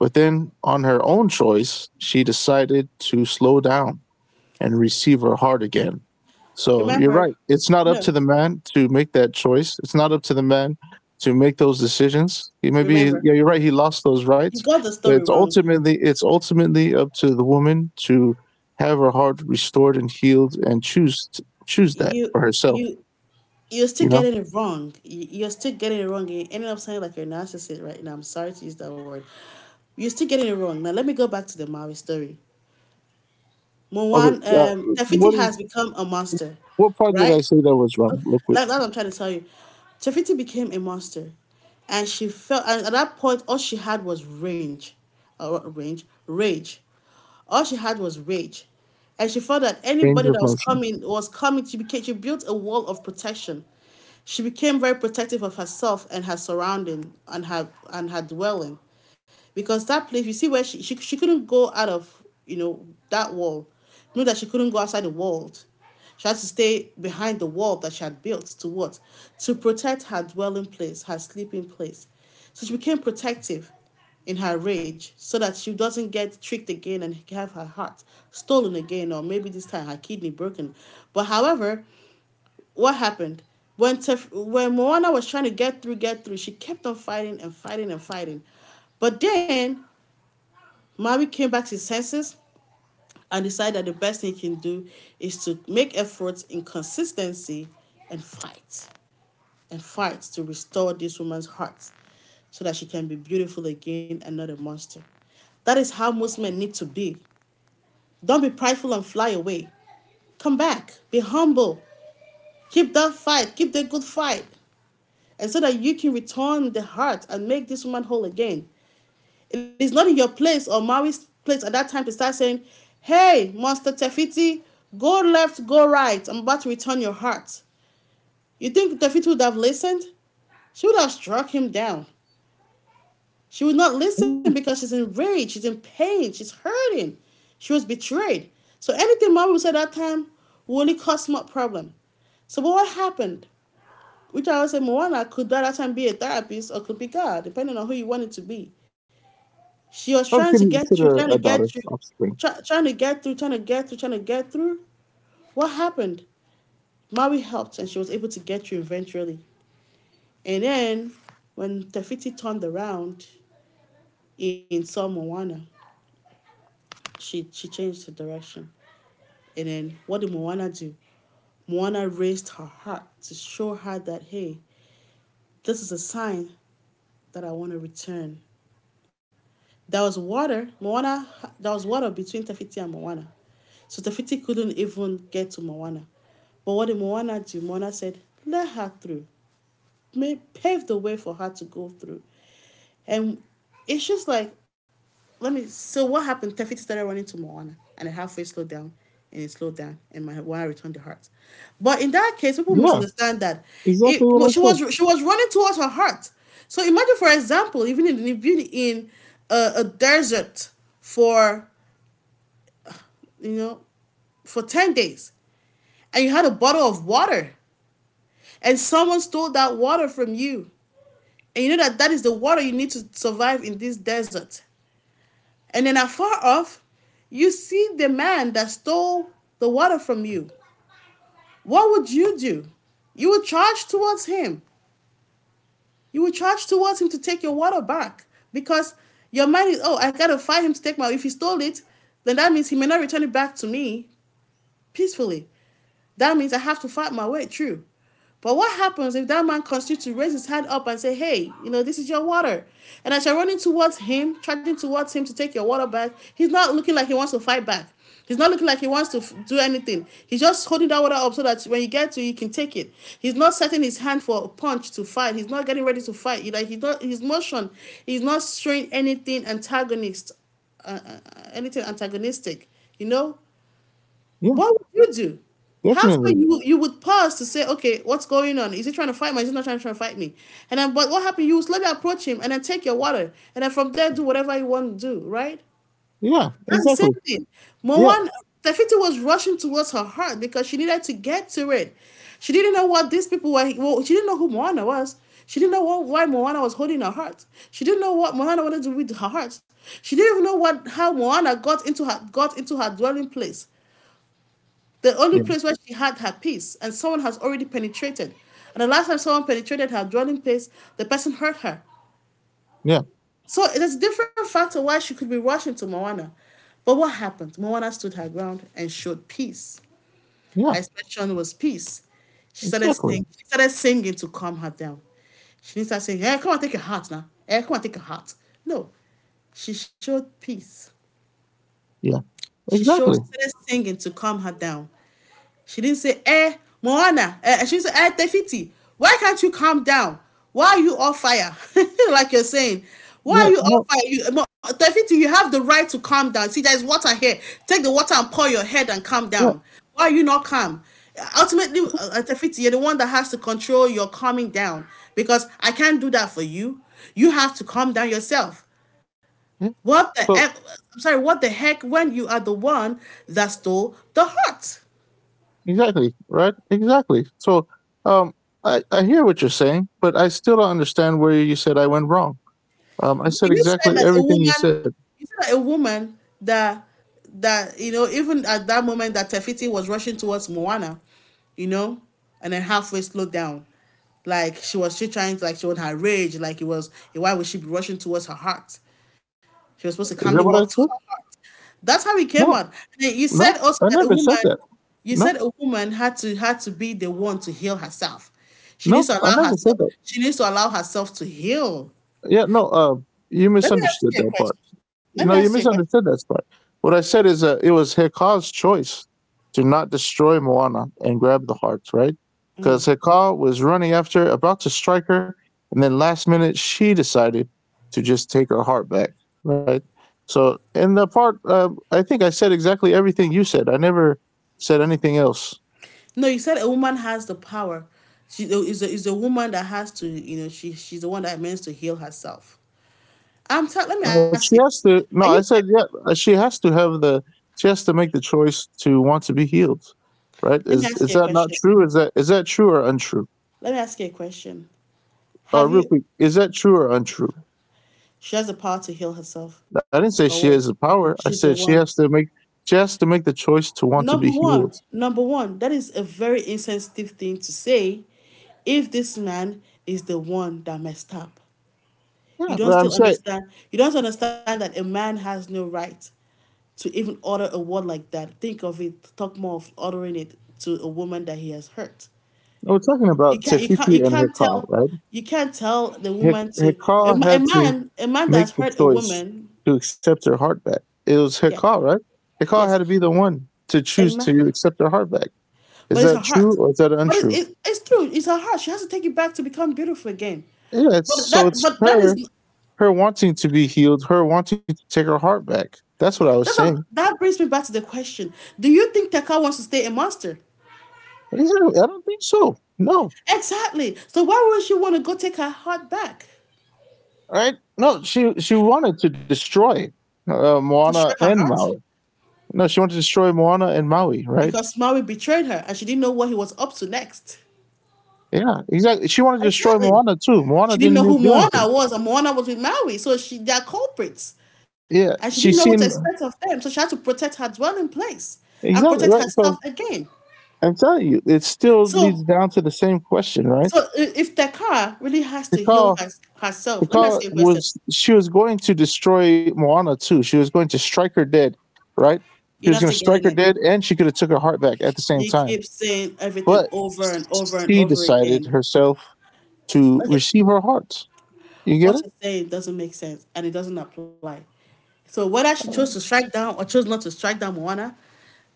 Speaker 2: But then on her own choice, she decided to slow down and receive her heart again. So you're
Speaker 1: Remember,
Speaker 2: right. It's not up to
Speaker 1: no.
Speaker 2: the man to make that choice. It's not up to the man to make those decisions. He may yeah,
Speaker 1: Remember,
Speaker 2: you're right, he lost those
Speaker 1: you
Speaker 2: rights.
Speaker 1: got the
Speaker 2: But
Speaker 1: story
Speaker 2: it's
Speaker 1: wrong.
Speaker 2: ultimately it's ultimately up to the woman to have her heart restored and healed and choose that
Speaker 1: You
Speaker 2: for herself,
Speaker 1: you you're still
Speaker 2: you know?
Speaker 1: getting it wrong. You're still getting it wrong. You ended up sounding like you're a narcissist right now. I'm sorry to use that word. You're still getting it wrong. Now let me go back to the Maui story.
Speaker 2: Okay,
Speaker 1: Tafiti
Speaker 2: what is
Speaker 1: has become a monster,
Speaker 2: what part did I
Speaker 1: right?
Speaker 2: say that was
Speaker 1: That,
Speaker 2: wrong? Real quick.
Speaker 1: that's what I'm trying to tell you. Chafiti became a monster, and she felt. And at that point, all she had was rage, rage, rage. All she had was rage, and she felt that
Speaker 2: Range
Speaker 1: anybody that
Speaker 2: of
Speaker 1: was
Speaker 2: motion.
Speaker 1: coming was coming. She became. She built a wall of protection. She became very protective of herself and her surrounding and her dwelling, because that place. You see where she couldn't go out of, you know, that wall. Knew that she couldn't go outside the world she had to stay behind the wall that she had built to what? To protect her dwelling place, her sleeping place. So she became protective in her rage so that she doesn't get tricked again and have her heart stolen again or maybe this time her kidney broken. But however, what happened? When Moana was trying to get through, she kept on fighting and fighting and fighting. But then Maui came back to his senses and decide that the best thing you can do is to make efforts in consistency and fight and fight to restore this woman's heart so that she can be beautiful again and not a monster. That is how most men need to be. Don't be prideful and fly away. Come back, be humble, keep that fight, keep the good fight, and so that you can return the heart and make this woman whole again. It is not in your place or Maui's place at that time to start saying, hey, Monster Tefiti, go left, go right. I'm about to return your heart. You think Tefiti would have listened? She would have struck him down. She would not listen
Speaker 2: Yeah.
Speaker 1: because she's enraged, she's in pain, she's hurting. She was betrayed. So anything Maui would say at that time would only cause more problem. So what happened? Which I would say Moana could by that time be a therapist or could be God, depending on who you want it to be. She was trying to
Speaker 2: I'd
Speaker 1: get through, trying to
Speaker 2: consider a
Speaker 1: get through,
Speaker 2: daughter
Speaker 1: try,
Speaker 2: offspring.
Speaker 1: trying to get through, trying to get through, trying to get through. What happened? Maui helped and she was able to get through eventually. And then when Tafiti turned around in Saw Moana, she changed the direction. And then what did Moana do? Moana raised her heart to show her that, hey, this is a sign that I want to return. There was water. Moana. There was water between Tefiti and Moana, so Tefiti couldn't even get to Moana. But what did Moana do? Moana said, "Let her through." Paved the way for her to go through. And it's just like, let me. So what happened? Tefiti started running to Moana, and it halfway slowed down, and it slowed down, and Moana returned to heart. But in that case, people
Speaker 2: Yeah,
Speaker 1: misunderstand that it.
Speaker 2: exactly
Speaker 1: well,
Speaker 2: what I
Speaker 1: She was
Speaker 2: said.
Speaker 1: she was running towards her heart. So imagine, for example, even in a desert for you know for 10 days, and you had a bottle of water, and someone stole that water from you. And you know that that is the water you need to survive in this desert. And then afar off, you see the man that stole the water from you. What would you do? You would charge towards him. You would charge towards him to take your water back because your mind is, oh, I gotta fight him to take my water. If he stole it, then that means he may not return it back to me peacefully. That means I have to fight my way through. But what happens if that man continues to raise his hand up and say, hey, this is your water? And as you're running towards him, charging towards him to take your water back, he's not looking like he wants to fight back. He's not looking like he wants to do anything. He's just holding that water up so that when you get to, you can take it. He's not setting his hand for a punch to fight. He's not getting ready to fight. Like he's not his motion, he's not showing anything antagonist, uh, uh, anything antagonistic. You know,
Speaker 2: Yeah,
Speaker 1: what would you do? Halfway,
Speaker 2: definitely.
Speaker 1: you would pause to say, okay, what's going on? Is he trying to fight me? Is he not trying to fight me? And then, but what happened? You would slowly approach him and then take your water, and then from there do whatever you want to do, right?
Speaker 2: Yeah,
Speaker 1: That's the same
Speaker 2: exactly.
Speaker 1: thing.
Speaker 2: Yeah,
Speaker 1: Moan Tefiti was rushing towards her heart because she needed to get to it. She didn't know what these people were. Well, she didn't know who Moana was. She didn't know what, why Moana was holding her heart. She didn't know what Moana wanted to do with her heart. She didn't even know what how Moana got into her dwelling place. The only
Speaker 2: yeah,
Speaker 1: place where she had her peace and someone has already penetrated. And the last time someone penetrated her dwelling place, the person hurt her.
Speaker 2: yeah,
Speaker 1: So it is a different factor why she could be rushing to Moana. But what happened? Moana stood her ground and showed peace.
Speaker 2: yeah,
Speaker 1: Her expression was peace. She started
Speaker 2: exactly.
Speaker 1: singing, she started singing to calm her down. She didn't start saying, hey, come and take your heart now. Hey, come and take your heart. No. She showed peace.
Speaker 2: Yeah,
Speaker 1: She showed
Speaker 2: exactly.
Speaker 1: she started singing to calm her down. She didn't say, eh, Moana. Eh, she didn't say, eh, Tefiti. Why can't you calm down? Why are you on fire? like you're saying. Why
Speaker 2: Yeah,
Speaker 1: are you on
Speaker 2: no,
Speaker 1: fire? You, Tefiti, you have the right to calm down. See, there's water here. Take the water and pour your head and calm
Speaker 2: yeah,
Speaker 1: down. Why are you not calm? Ultimately, Tefiti, you're the one that has to control your calming down because I can't do that for you. You have to calm down yourself.
Speaker 2: yeah.
Speaker 1: What the
Speaker 2: So
Speaker 1: heck? I'm sorry, what the heck when you are the one that stole the heart?
Speaker 2: exactly, right? Exactly. So, um, I hear what you're saying, but I still don't understand where you said I went wrong. I
Speaker 1: No,
Speaker 2: said
Speaker 1: you
Speaker 2: exactly
Speaker 1: said that a
Speaker 2: everything
Speaker 1: woman,
Speaker 2: you said.
Speaker 1: you said that a woman that even at that moment that Tefiti was rushing towards Moana, you know, and then halfway slowed down. Like she was she trying to like show her rage, like it was why would she be rushing towards her heart? She was supposed to calmly
Speaker 2: Is
Speaker 1: walk
Speaker 2: that
Speaker 1: to
Speaker 2: what I
Speaker 1: her
Speaker 2: said?
Speaker 1: heart. That's how it came out.
Speaker 2: No,
Speaker 1: And then you said
Speaker 2: no,
Speaker 1: also that
Speaker 2: I
Speaker 1: a woman
Speaker 2: never said that.
Speaker 1: you said
Speaker 2: No,
Speaker 1: a woman had to be the one to heal herself. She needs to
Speaker 2: no, I
Speaker 1: allow
Speaker 2: never
Speaker 1: herself
Speaker 2: said that.
Speaker 1: she needs to allow herself to heal.
Speaker 2: Yeah, no, you
Speaker 1: Let me ask
Speaker 2: misunderstood
Speaker 1: you a
Speaker 2: that part.
Speaker 1: question. Let me
Speaker 2: No,
Speaker 1: ask
Speaker 2: you
Speaker 1: you a question.
Speaker 2: misunderstood that part. What I said is it was Hekal's choice to not destroy Moana and grab the hearts, right? Because Hekal was running after, about to strike her, and then last minute she decided to just take her heart back, right? So, in the part, I think I said exactly everything you said. I never said anything else.
Speaker 1: No, you said a woman has the power. She is a woman that has to, she she's the one that means to heal herself. Let me ask you.
Speaker 2: She has
Speaker 1: Are
Speaker 2: to.
Speaker 1: you
Speaker 2: No, I
Speaker 1: married?
Speaker 2: said yeah. She has to have the. She has to make the choice to want to be healed, right?
Speaker 1: Let me ask
Speaker 2: Is
Speaker 1: you a
Speaker 2: that not
Speaker 1: question.
Speaker 2: true? Is that true or untrue?
Speaker 1: Let me ask you a question. Have
Speaker 2: Real
Speaker 1: you
Speaker 2: quick, is that true or untrue?
Speaker 1: she has the power to heal herself
Speaker 2: I didn't
Speaker 1: or
Speaker 2: say
Speaker 1: what?
Speaker 2: she has the power.
Speaker 1: She's
Speaker 2: I
Speaker 1: the
Speaker 2: said
Speaker 1: one.
Speaker 2: she has to make. She has to make the choice to want to
Speaker 1: Number
Speaker 2: be
Speaker 1: one,
Speaker 2: healed.
Speaker 1: number one, that is a very insensitive thing to say if this man is the one that messed up. You
Speaker 2: Yeah,
Speaker 1: don't
Speaker 2: but I'm
Speaker 1: still
Speaker 2: saying
Speaker 1: understand. You don't understand that a man has no right to even utter a word like that. Think of it, talk more of uttering it to a woman that he has hurt.
Speaker 2: we're talking
Speaker 1: You
Speaker 2: about
Speaker 1: can't, you can't,
Speaker 2: Tefiti
Speaker 1: you
Speaker 2: and
Speaker 1: can't
Speaker 2: Hekal,
Speaker 1: tell,
Speaker 2: right?
Speaker 1: you can't tell the woman to
Speaker 2: Hekal had to
Speaker 1: a man
Speaker 2: make
Speaker 1: that's
Speaker 2: the
Speaker 1: hurt a
Speaker 2: choice
Speaker 1: woman.
Speaker 2: to accept her heart back. It was
Speaker 1: Yeah,
Speaker 2: Hekal, right?
Speaker 1: yes,
Speaker 2: Hekal had to be the one to
Speaker 1: a
Speaker 2: choose to
Speaker 1: man,
Speaker 2: accept her heart back. Is
Speaker 1: but it's her
Speaker 2: that true
Speaker 1: heart.
Speaker 2: or is that
Speaker 1: But
Speaker 2: untrue?
Speaker 1: it's true. It's her heart. She has to take it back to become beautiful again.
Speaker 2: Yeah, it's, so it's
Speaker 1: But that
Speaker 2: her
Speaker 1: is
Speaker 2: her wanting to be healed, her wanting to take her heart back. That's what I
Speaker 1: that's a,
Speaker 2: was saying.
Speaker 1: that brings me back to the question: do you think Teka wants to stay a monster?
Speaker 2: Exactly. I don't think so. No.
Speaker 1: Exactly. So why would she want to go take her heart back?
Speaker 2: Right. No, she wanted to destroy
Speaker 1: Destroy
Speaker 2: Moana
Speaker 1: her
Speaker 2: and
Speaker 1: heart
Speaker 2: Maui. No, she wanted to destroy Moana and Maui, right?
Speaker 1: because Maui betrayed her and she didn't know what he was up to next.
Speaker 2: Yeah, exactly. She wanted to destroy
Speaker 1: Exactly.
Speaker 2: Moana too. Moana
Speaker 1: She didn't
Speaker 2: didn't
Speaker 1: know
Speaker 2: do
Speaker 1: who
Speaker 2: do
Speaker 1: Moana
Speaker 2: anything.
Speaker 1: was, and Moana was with Maui, so she they're culprits. And
Speaker 2: Yeah,
Speaker 1: she didn't know
Speaker 2: she
Speaker 1: what to
Speaker 2: seen
Speaker 1: expect of them, so she had to protect her dwelling place and protect
Speaker 2: exactly right.
Speaker 1: herself
Speaker 2: So
Speaker 1: again.
Speaker 2: I'm telling you, it still
Speaker 1: So,
Speaker 2: leads down to the same question, right?
Speaker 1: so if Takara really has
Speaker 2: To
Speaker 1: to heal
Speaker 2: call
Speaker 1: her, herself, let me
Speaker 2: because
Speaker 1: ask you a question.
Speaker 2: was she was going to destroy Moana too. She was going to strike her dead, right?
Speaker 1: You're
Speaker 2: She
Speaker 1: not
Speaker 2: was
Speaker 1: still
Speaker 2: going to
Speaker 1: getting
Speaker 2: strike her
Speaker 1: it.
Speaker 2: dead, and she could have took her heart back at the same
Speaker 1: You
Speaker 2: time.
Speaker 1: keep saying everything
Speaker 2: But
Speaker 1: over and over and
Speaker 2: she
Speaker 1: over
Speaker 2: decided
Speaker 1: again.
Speaker 2: herself to
Speaker 1: Okay,
Speaker 2: receive her heart. You get it?
Speaker 1: what she's saying doesn't make sense and it doesn't apply. So whether she chose to strike down or chose not to strike down Moana,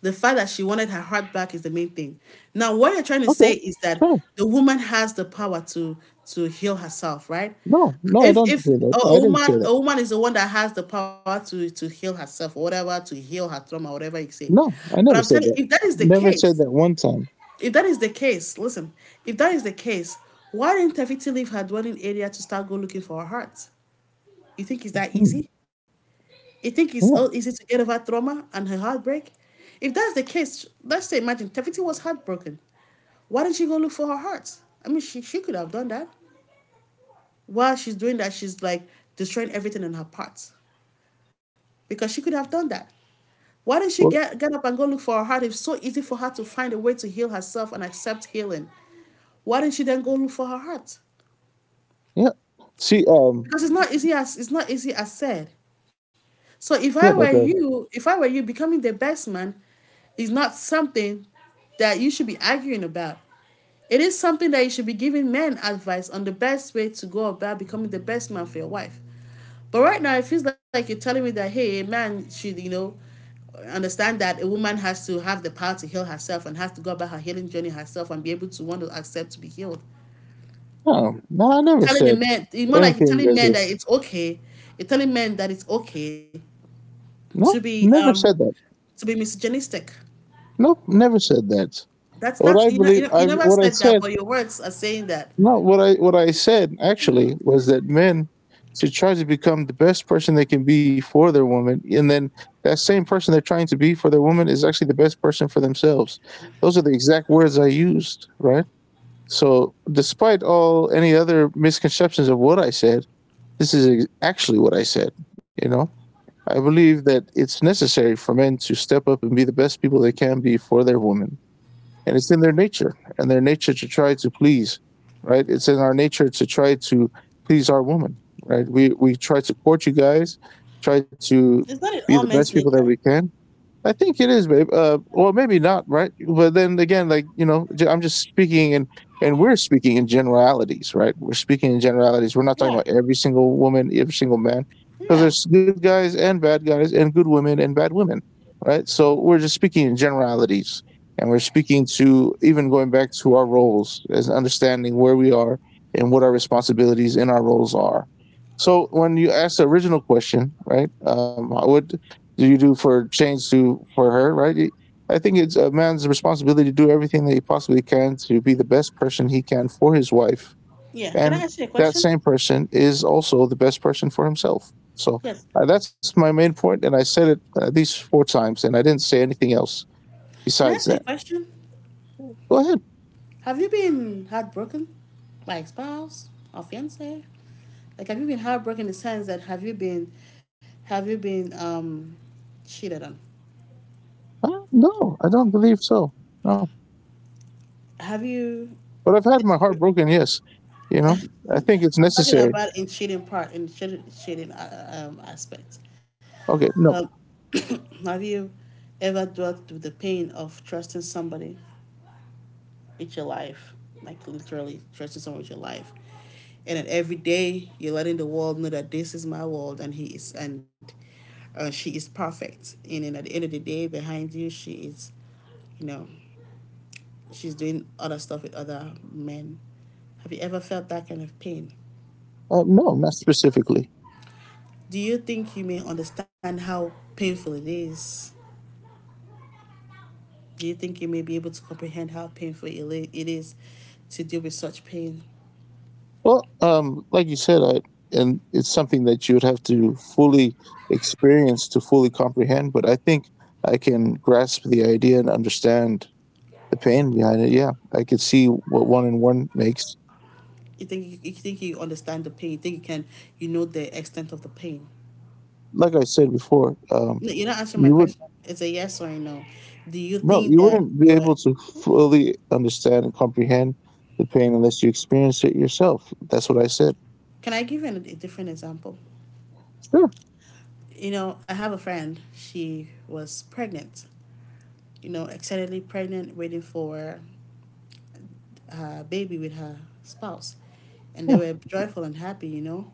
Speaker 1: the fact that she wanted her heart back is the main thing. Now, what you're trying to
Speaker 2: Okay,
Speaker 1: say is that
Speaker 2: sure.
Speaker 1: the woman has the power to heal herself, right?
Speaker 2: No, no, I
Speaker 1: If
Speaker 2: don't say that.
Speaker 1: a
Speaker 2: I didn't say
Speaker 1: woman
Speaker 2: that.
Speaker 1: a woman is the one that has the power to heal herself or whatever, to heal her trauma, whatever you say.
Speaker 2: No, I
Speaker 1: But I'm
Speaker 2: never said
Speaker 1: telling
Speaker 2: that.
Speaker 1: you, if that is the
Speaker 2: Never said
Speaker 1: case,
Speaker 2: that one time.
Speaker 1: if that is the case, listen, if that is the case, why didn't Tefiti leave her dwelling area to start go looking for her heart? You think it's that
Speaker 2: Hmm.
Speaker 1: easy? You think it's oh,
Speaker 2: Yeah.
Speaker 1: easy to get over trauma and her heartbreak? If that's the case, let's say imagine Tefiti was heartbroken. Why didn't she go look for her heart? I mean, she could have done that. While she's doing that, she's like destroying everything in her part because she could have done that. Why didn't she
Speaker 2: Well,
Speaker 1: get up and go look for her heart? It's so easy for her to find a way to heal herself and accept healing. Why didn't she then go look for her heart?
Speaker 2: yeah. See,
Speaker 1: Because it's not easy as it's not easy as said. So if I
Speaker 2: yeah,
Speaker 1: were
Speaker 2: but
Speaker 1: you, if I were you, becoming the best man is not something that you should be arguing about. It is something that you should be giving men advice on the best way to go about becoming the best man for your wife. But right now, it feels like you're telling me that hey, a man should understand that a woman has to have the power to heal herself and has to go about her healing journey herself and be able to want to accept to be healed.
Speaker 2: no, no, I never
Speaker 1: Telling a
Speaker 2: said
Speaker 1: man, it's more like you're
Speaker 2: anything
Speaker 1: telling
Speaker 2: as
Speaker 1: men that
Speaker 2: this.
Speaker 1: it's okay. You're telling men that it's okay to
Speaker 2: No,
Speaker 1: be
Speaker 2: never
Speaker 1: um
Speaker 2: said that.
Speaker 1: to be misogynistic.
Speaker 2: Nope, never said that.
Speaker 1: That's
Speaker 2: What
Speaker 1: that's
Speaker 2: I believe,
Speaker 1: you
Speaker 2: I
Speaker 1: never
Speaker 2: what I
Speaker 1: said that,
Speaker 2: said,
Speaker 1: but your words are saying that.
Speaker 2: no, what I said actually was that men should try to become the best person they can be for their woman, and then that same person they're trying to be for their woman is actually the best person for themselves. Those are the exact words I used, right? So, despite all any other misconceptions of what I said, this is actually what I said. You know, I believe that it's necessary for men to step up and be the best people they can be for their woman and it's in their nature and their nature to try to please, right? It's in our nature to try to please our woman, right? We try to court you guys, try to
Speaker 1: It's not in all
Speaker 2: be the
Speaker 1: men's
Speaker 2: best people
Speaker 1: nature.
Speaker 2: that we can. I think it is, babe. Well, maybe not, right? But then again, like you know, I'm just speaking and we're speaking in generalities, right? We're speaking in generalities. We're not talking
Speaker 1: Yeah,
Speaker 2: about every single woman, every single man, because
Speaker 1: yeah,
Speaker 2: there's good guys and bad guys, and good women and bad women, right? So we're just speaking in generalities, and we're speaking to even going back to our roles as understanding where we are and what our responsibilities in our roles are. So when you asked the original question, right? What do you do for change to for her, right? I think it's a man's responsibility to do everything that he possibly can to be the best person he can for his wife,
Speaker 1: yeah. Can I
Speaker 2: and
Speaker 1: ask you a
Speaker 2: that
Speaker 1: question?
Speaker 2: same person is also the best person for himself. So
Speaker 1: Yes.
Speaker 2: that's my main point, and I said it at least four times, and I didn't say anything else
Speaker 1: Can I
Speaker 2: besides
Speaker 1: ask you a
Speaker 2: that.
Speaker 1: question?
Speaker 2: Go ahead.
Speaker 1: Have you been heartbroken by a spouse or fiance? Like, have you been heartbroken in the sense that have you been cheated on?
Speaker 2: No, I don't believe so. No,
Speaker 1: Have you?
Speaker 2: but I've had my
Speaker 1: exper-
Speaker 2: heart broken. Yes, you know, I think it's
Speaker 1: I'm talking
Speaker 2: necessary.
Speaker 1: about in cheating aspect.
Speaker 2: Okay, no,
Speaker 1: Have, have you ever dealt with the pain of trusting somebody with your life? Like literally trusting someone with your life. And then every day you're letting the world know that this is my world and he is and she is perfect. And then at the end of the day behind you she is you know, she's doing other stuff with other men. Have you ever felt that kind of pain?
Speaker 2: no, not specifically.
Speaker 1: Do you think you may understand how painful it is? Do you think you may be able to comprehend how painful it is to deal with such pain?
Speaker 2: Well, like you said, I, and it's something that you would have to fully experience to fully comprehend. But I think I can grasp the idea and understand the pain behind it. Yeah, I could see what one and one makes.
Speaker 1: You think you understand the pain? You think you can you know the extent of the pain?
Speaker 2: Like I said before,
Speaker 1: No, you're not answering my
Speaker 2: you would
Speaker 1: question. It's a yes or a no. Do you
Speaker 2: no,
Speaker 1: think
Speaker 2: you
Speaker 1: that
Speaker 2: wouldn't be
Speaker 1: you are?
Speaker 2: able to fully understand and comprehend the pain unless you experience it yourself. That's what I said.
Speaker 1: Can I give you a different example?
Speaker 2: Sure.
Speaker 1: You know, I have a friend. She was pregnant. You know, excitedly pregnant, waiting for her baby with her spouse, and they
Speaker 2: Yeah.
Speaker 1: were joyful and happy, you know.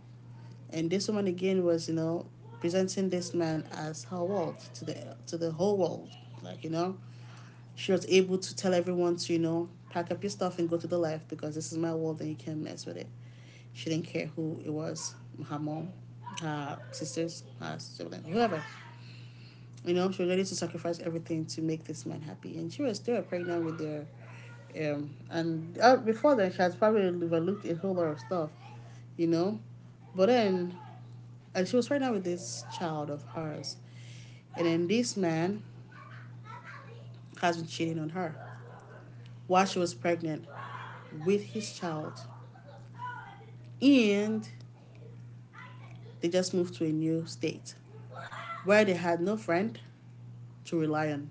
Speaker 1: And this woman again was, you know, presenting this man as her world to the whole world, like you know. She was able to tell everyone to, you know, pack up your stuff and go to the left because this is my world and you can't mess with it. She didn't care who it was, her mom, her sisters, her siblings, whoever. You know, she was ready to sacrifice everything to make this man happy, and she was still pregnant with their. And Before then, she has probably overlooked a whole lot of stuff, you know. But then, and she was pregnant with this child of hers, and then this man has been cheating on her while she was pregnant with his child, and they just moved to a new state where they had no friend to rely on,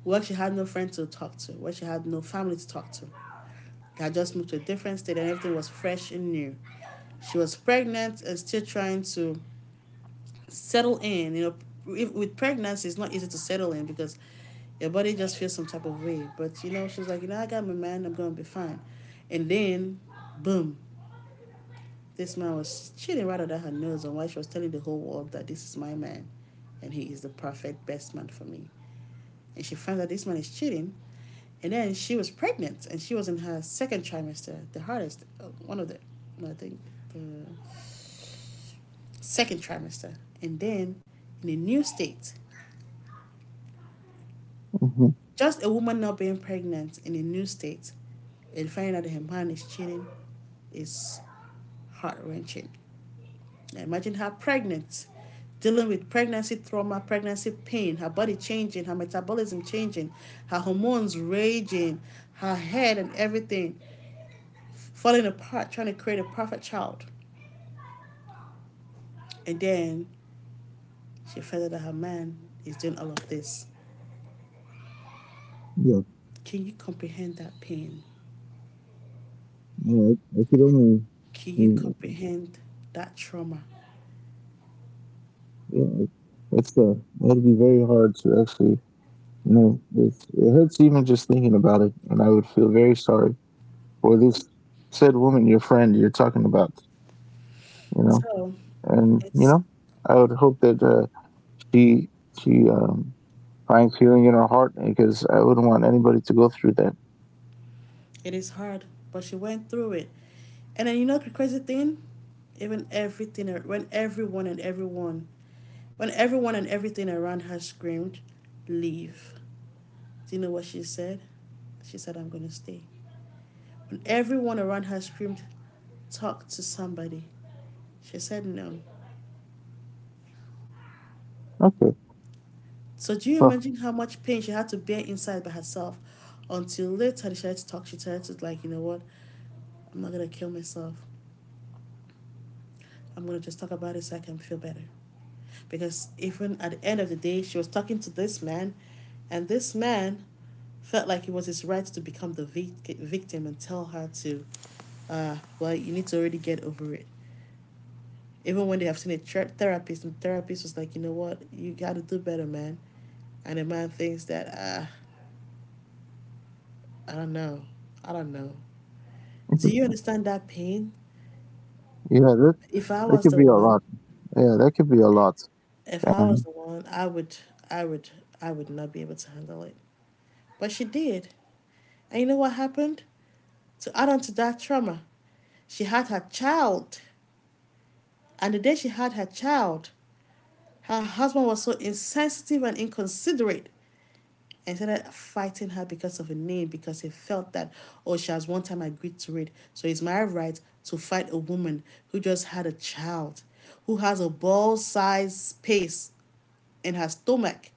Speaker 1: where she had no friend to talk to, where she had no family to talk to. I just moved to a different state and everything was fresh and new. She was pregnant and still trying to settle in. You know, if, with pregnancy, it's not easy to settle in because your body just feels some type of way. But you know, she was like, you know, I got my man, I'm gonna be fine. And then, boom, this man was cheating right under her nose on why she was telling the whole world that this is my man and he is the perfect best man for me and she finds out this man is cheating. And then she was pregnant and she was in her second trimester, the hardest, one of the, no, I think, the second trimester. And then in a new state,
Speaker 2: Mhm.
Speaker 1: just a woman not being pregnant in a new state and finding out that her man is cheating is heart wrenching. Imagine her pregnant, dealing with pregnancy trauma, pregnancy pain, her body changing, her metabolism changing, her hormones raging, her head and everything falling apart, trying to create a perfect child. And then she found out that her man is doing all of this.
Speaker 2: Yeah,
Speaker 1: Can you comprehend that pain?
Speaker 2: I could only
Speaker 1: Can you comprehend that trauma?
Speaker 2: yeah, it's it'd be very hard to actually. You know, it's, it hurts even just thinking about it, and I would feel very sorry for this said woman, your friend, you're talking about. You know,
Speaker 1: So
Speaker 2: and you
Speaker 1: it's
Speaker 2: know, I would hope that she she find healing in our heart because I wouldn't want anybody to go through that.
Speaker 1: it is hard, but she went through it. And then you know the crazy thing? Even everything when everyone and everyone when everyone and everything around her screamed, leave. Do you know what she said? She said, I'm gonna stay. When everyone around her screamed, talk to somebody, she said no.
Speaker 2: Okay,
Speaker 1: So, do you
Speaker 2: well,
Speaker 1: imagine how much pain she had to bear inside by herself until later she had to talk? She decided to, like, you know what? I'm not going to kill myself. I'm going to just talk about it so I can feel better. Because even at the end of the day, she was talking to this man, and this man felt like it was his right to become the victim and tell her to, well, you need to already get over it. Even when they have seen a therapist, and the therapist was like, you know what, you got to do better, man. And the man thinks that, ah, I don't know, I don't know. Do you
Speaker 2: interesting.
Speaker 1: understand that pain?
Speaker 2: Yeah, that
Speaker 1: If I
Speaker 2: that
Speaker 1: was
Speaker 2: could
Speaker 1: the
Speaker 2: be a
Speaker 1: one,
Speaker 2: lot. Yeah, that could be a lot.
Speaker 1: if I
Speaker 2: And
Speaker 1: was the one, I would, I would, I would not be able to handle it. But she did. And you know what happened? To add on to that trauma, she had her child. And the day she had her child, her husband was so insensitive and inconsiderate and started fighting her because of a name because he felt that, oh, she has one time agreed to it, so it's my right to fight a woman who just had a child, who has a ball sized space in her stomach,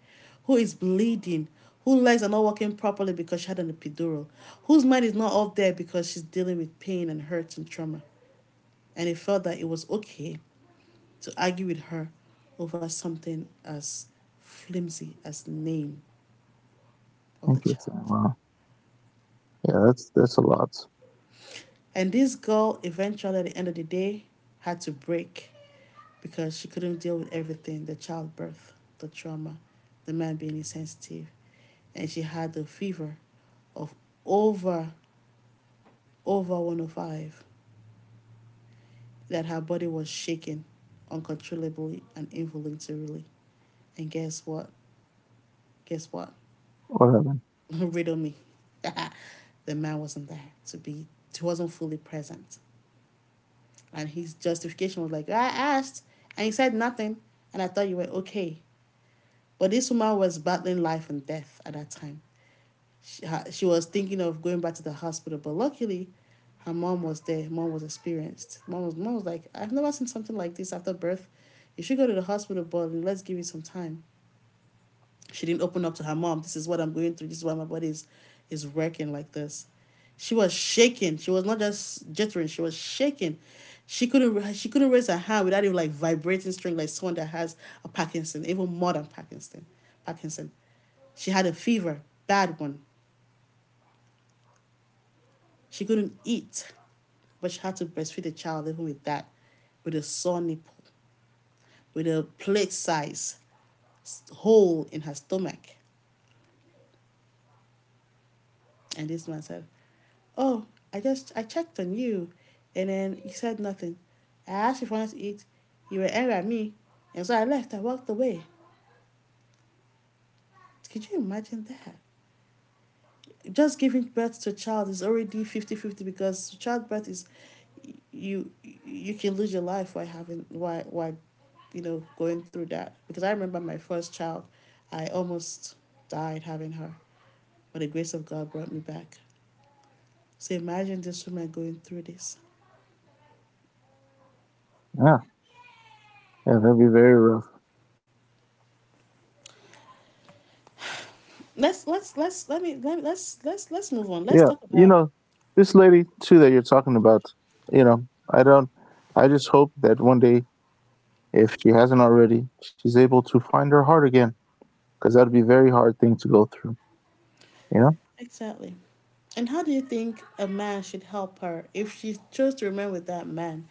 Speaker 1: who is bleeding, whose legs are not working properly because she had an epidural, whose mind is not up there because she's dealing with pain and hurt and trauma, and he felt that it was okay to argue with her over something as flimsy as name of the child.
Speaker 2: interesting. Wow. Yeah, that's a lot.
Speaker 1: And this girl eventually, at the end of the day, had to break because she couldn't deal with everything, the childbirth, the trauma, the man being insensitive. And she had the fever of over, over 105, that her body was shaking uncontrollably and involuntarily. And guess what? Guess what?
Speaker 2: What happened?
Speaker 1: Riddle me. The man wasn't there to be, he wasn't fully present. And his justification was like, I asked, and he said nothing, and I thought you were okay. But this woman was battling life and death at that time. She was thinking of going back to the hospital, but luckily, her mom was there. Mom was experienced. Mom was like, I've never seen something like this after birth. You should go to the hospital, but let's give it some time. She didn't open up to her mom. This is what I'm going through. This is why my is working like this. She was shaking. She was not just jittering. She was shaking. She couldn't raise her hand without even like vibrating string, like someone that has a Parkinson, even more than Parkinson. She had a fever, bad one. She couldn't eat, but she had to breastfeed the child even with that, with a sore nipple, with a plate size hole in her stomach. And this man said, oh, I checked on you and then he said nothing. I asked if I wanted to eat, you were angry at me, and so I left, I walked away. Could you imagine that? Just giving birth to a child is already 50-fifty 50 because childbirth is you you can lose your life while having while you know going through that. Because I remember my first child, I almost died having her. But the grace of God brought me back. So imagine this woman going through this.
Speaker 2: Yeah, yeah, that'd be very rough.
Speaker 1: Let's let me let's move on. Let's
Speaker 2: Yeah,
Speaker 1: talk
Speaker 2: you
Speaker 1: about
Speaker 2: know, this lady too that you're talking about, you know, I don't, I just hope that one day, if she hasn't already, she's able to find her heart again, because that'd be a very hard thing to go through, you know?
Speaker 1: exactly. And how do you think a man should help her if she chose to remain with that man?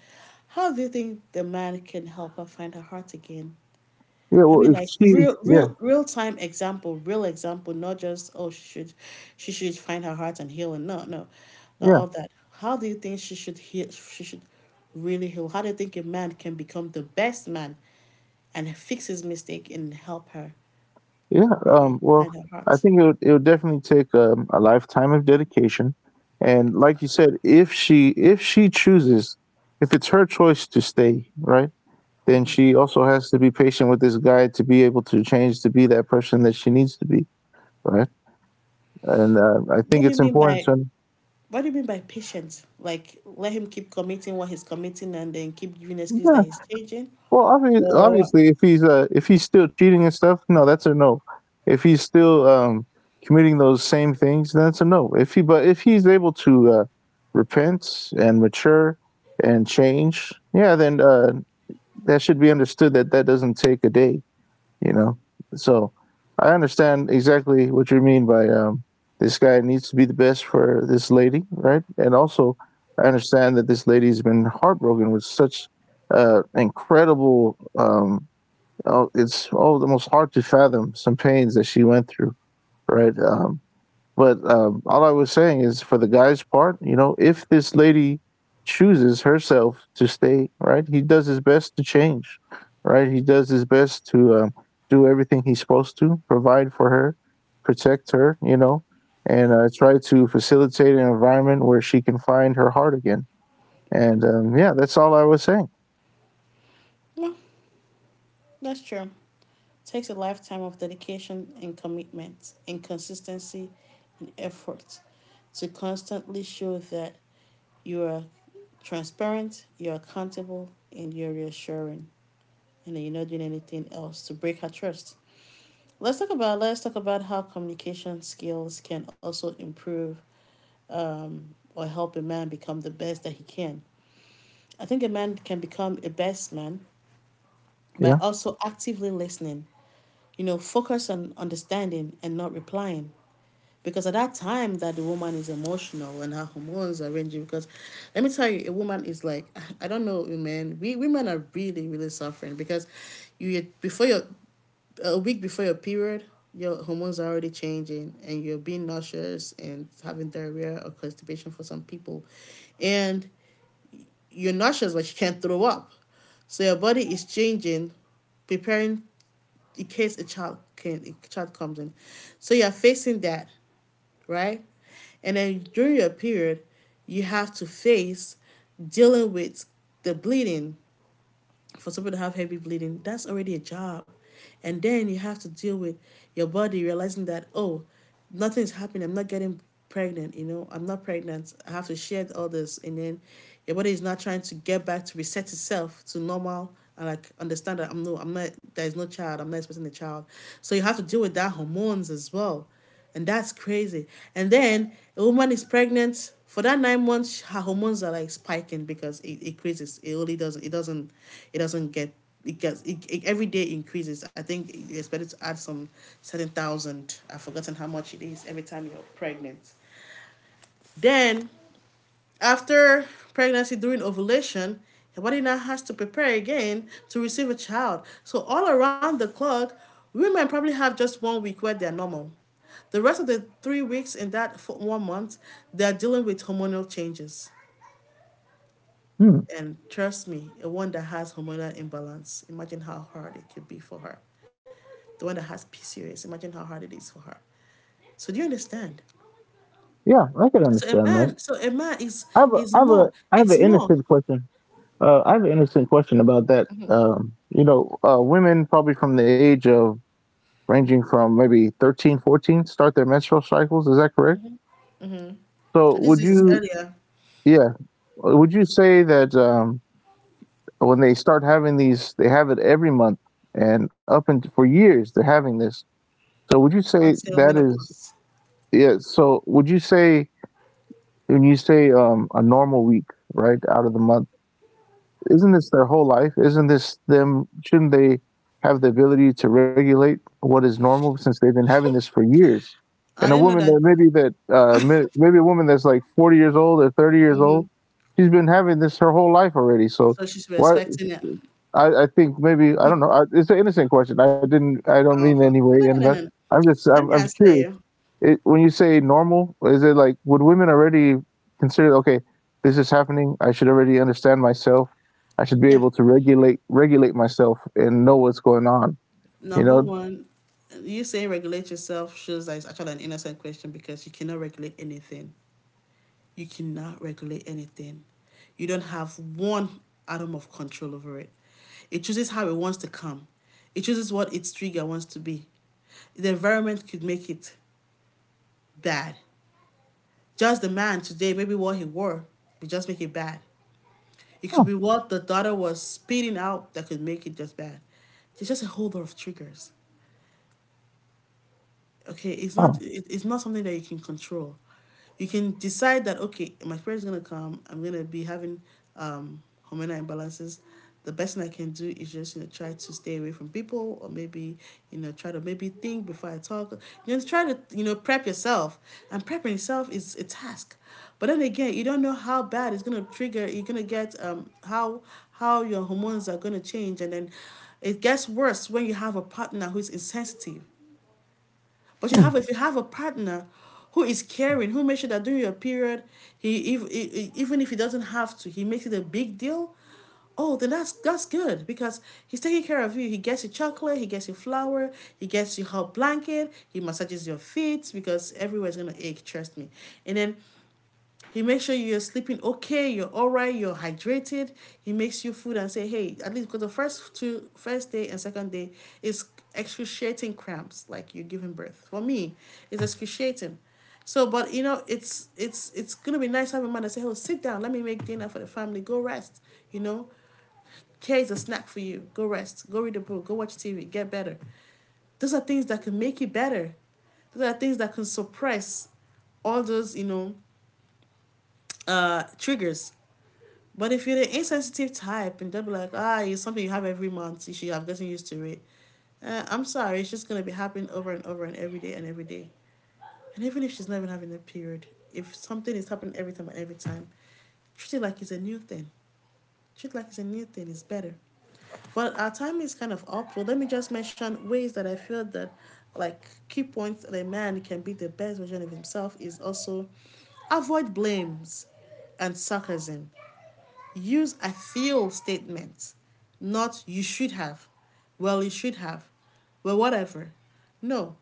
Speaker 1: How do you think the man can help her find her heart again?
Speaker 2: Yeah,
Speaker 1: I
Speaker 2: well,
Speaker 1: mean,
Speaker 2: if
Speaker 1: like
Speaker 2: she,
Speaker 1: real,
Speaker 2: yeah,
Speaker 1: real, real time example, real example, not just oh she should find her heart and heal and no, no, not
Speaker 2: yeah,
Speaker 1: all that. How do you think she should heal? She should really heal. How do you think a man can become the best man and fix his mistake and help her?
Speaker 2: yeah,
Speaker 1: Maybe
Speaker 2: well,
Speaker 1: find her
Speaker 2: I
Speaker 1: heart.
Speaker 2: think it would definitely take a lifetime of dedication. And like you said, if she chooses, if it's her choice to stay, right? Then she also has to be patient with this guy to be able to change to be that person that she needs to be, right? And I
Speaker 1: What
Speaker 2: think
Speaker 1: do you
Speaker 2: it's
Speaker 1: mean
Speaker 2: important
Speaker 1: by
Speaker 2: to.
Speaker 1: what do you mean by patient? Like let him keep committing what he's committing and then keep giving excuses that
Speaker 2: Yeah.
Speaker 1: he's changing?
Speaker 2: Well, obviously,
Speaker 1: Or
Speaker 2: obviously, if he's still cheating and stuff, no, that's a no. If he's still committing those same things, that's a no. If he but if he's able to repent and mature and change, yeah, then that should be understood that that doesn't take a day. You know. So I understand exactly what you mean by this guy needs to be the best for this lady, right? And also, I understand that this lady's been heartbroken with such incredible. Oh, it's oh, almost hard to fathom some pains that she went through, right? But all I was saying is, for the guy's part, you know, if this lady chooses herself to stay, right, he does his best to change, right? He does his best to do everything he's supposed to, provide for her, protect her, you know, and try to facilitate an environment where she can find her heart again. And yeah, that's all I was saying.
Speaker 1: that's true. Takes a lifetime of dedication and commitment and consistency and effort to constantly show that you are transparent, you're accountable, and you're reassuring, and that you're not doing anything else to break her trust. Let's talk about how communication skills can also improve or help a man become the best that he can. I think a man can become a best man by
Speaker 2: Yeah.
Speaker 1: also actively listening. You know, focus on understanding and not replying. Because at that time that the woman is emotional and her hormones are raging, because let me tell you, a woman is like, I don't know women. We women are really, really suffering because you before your, a week before your period, your hormones are already changing and you're being nauseous and having diarrhea or constipation for some people. And you're nauseous, but you can't throw up. So your body is changing, preparing in case a child comes in. So you're facing that, right? And then during your period, you have to face dealing with the bleeding, for some people to have heavy bleeding, that's already a job. And then you have to deal with your body realizing that, oh, nothing's happening. I'm not getting pregnant, you know, I'm not pregnant. I have to shed all this. And then your body is not trying to get back to reset itself to normal and like understand that I'm not, there's no child, I'm not expecting a child. So you have to deal with that hormones as well. And that's crazy. And then a woman is pregnant for that 9 months, her hormones are like spiking because it increases. It only doesn't. It doesn't. It doesn't get. It gets. It every day increases. I think you expect it to add some certain thousand. I've forgotten how much it is every time you're pregnant. Then after pregnancy, during ovulation, your body now has to prepare again to receive a child. So, all around the clock, women probably have just 1 week where they're normal. The rest of the 3 weeks in that 1 month, they're dealing with hormonal changes.
Speaker 2: Hmm.
Speaker 1: And trust me, a one that has hormonal imbalance, imagine how hard it could be for her. The one that has PCOS, imagine how hard it is for her. So do you understand?
Speaker 2: Yeah, I could understand that.
Speaker 1: So a man is is more,
Speaker 2: I have
Speaker 1: it's
Speaker 2: an
Speaker 1: more.
Speaker 2: innocent question. I have an innocent question about that. You know, women probably from the age of ranging from maybe 13, 14, start their menstrual cycles. Is that correct? So
Speaker 1: And this
Speaker 2: would
Speaker 1: is
Speaker 2: you
Speaker 1: earlier.
Speaker 2: yeah. Would you say that when they start having these, they have it every month, and up and for years they're having this. So would you say
Speaker 1: Until
Speaker 2: that is
Speaker 1: menopause.
Speaker 2: yeah? So would you say when you say a normal week, right, out of the month? Isn't this their whole life? Isn't this them? Shouldn't they have the ability to regulate what is normal since they've been having this for years?
Speaker 1: I
Speaker 2: And a
Speaker 1: didn't know
Speaker 2: woman
Speaker 1: that,
Speaker 2: that maybe that maybe a woman that's like 40 years old or 30 years old, she's been having this her whole life already. So
Speaker 1: so she's
Speaker 2: why?
Speaker 1: respecting it.
Speaker 2: I think maybe I don't know. I, it's an innocent question. I didn't. I
Speaker 1: I
Speaker 2: don't
Speaker 1: don't
Speaker 2: mean
Speaker 1: know.
Speaker 2: any
Speaker 1: No,
Speaker 2: way.
Speaker 1: no,
Speaker 2: And
Speaker 1: no,
Speaker 2: but
Speaker 1: no.
Speaker 2: I'm just
Speaker 1: Let me
Speaker 2: I'm
Speaker 1: answer
Speaker 2: curious
Speaker 1: you.
Speaker 2: it, when you say normal, is it like would women already consider okay, this is happening. I should already understand myself. I should be
Speaker 1: Yeah.
Speaker 2: able to regulate myself and know what's going on. You
Speaker 1: Number
Speaker 2: know,
Speaker 1: one, you say regulate yourself shows that it's actually an innocent question because you cannot regulate anything. You cannot regulate anything. You don't have one atom of control over it. It chooses how it wants to come. It chooses what its trigger wants to be. The environment could make it bad. Just the man today, maybe what he wore, could just make it bad. It could
Speaker 2: oh,
Speaker 1: be what the daughter was spitting out that could make it just bad. It's just a whole lot of triggers. Okay, it's not
Speaker 2: wow,
Speaker 1: it, it's not something that you can control. You can decide that okay my parents gonna come, I'm gonna be having um hormonal imbalances. The best thing I can do is just, you know, try to stay away from people, or maybe, you know, try to maybe think before I talk, you know, try to, you know, prep yourself. And prepping yourself is a task, but then again you don't know how bad it's gonna trigger, you're gonna get, how your hormones are gonna change. And then it gets worse when you have a partner who's insensitive. But you
Speaker 2: hmm,
Speaker 1: have If you have a partner who is caring, who makes sure that during your period, he if even if he doesn't have to, he makes it a big deal. Oh, then that's good, because he's taking care of you. He gets you chocolate, he gets you flour, he gets you hot blanket, he massages your feet because everywhere's gonna ache. Trust me. And then he makes sure you're sleeping okay, you're all right, you're hydrated. He makes you food and say, hey, at least because first day and second day is excruciating cramps, like you're giving birth. For me, it's excruciating. So, but you know, it's gonna be nice having a man that say, oh, sit down, let me make dinner for the family, go rest. You know, care is a snack for you. Go rest, go read a book, go watch TV, get better. Those are things that can make you better. Those are things that can suppress all those, you know, triggers. But if you're the insensitive type and they'll be like, ah, it's something you have every month, you should have gotten used to it. I'm sorry, it's just going to be happening over and over and every day and every day. And even if she's not even having a period, if something is happening every time and every time, treat it like it's a new thing. Treat it like it's a new thing, it's better. But our time is kind of up, so let me just mention ways that I feel that, like, key points that a man can be the best version of himself is also avoid blames and sarcasm. Use a feel statement, not you should have, well, you should have, well, whatever. No,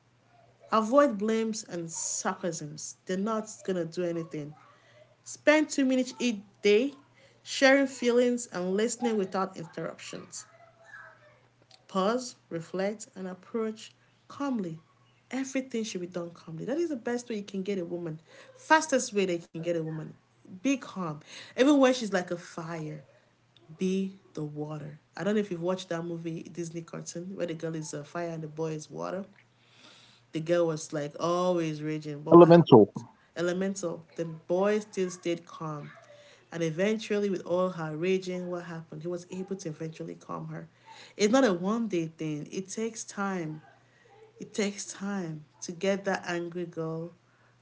Speaker 1: avoid blames and sarcasms. They're not gonna do anything. Spend 2 minutes each day sharing feelings and listening without interruptions. Pause, reflect, and approach calmly. Everything should be done calmly. That is the best way you can get a woman. Fastest way they can get a woman. Be calm. Even when she's like a fire, be the water. I don't know if you've watched that movie, Disney cartoon, where the girl is fire and the boy is water. The girl was like always raging, but what happened?
Speaker 2: elemental.
Speaker 1: Elemental. The boy still stayed calm. And eventually, with all her raging, what happened? He was able to eventually calm her. It's not a one day thing, it takes time. It takes time to get that angry girl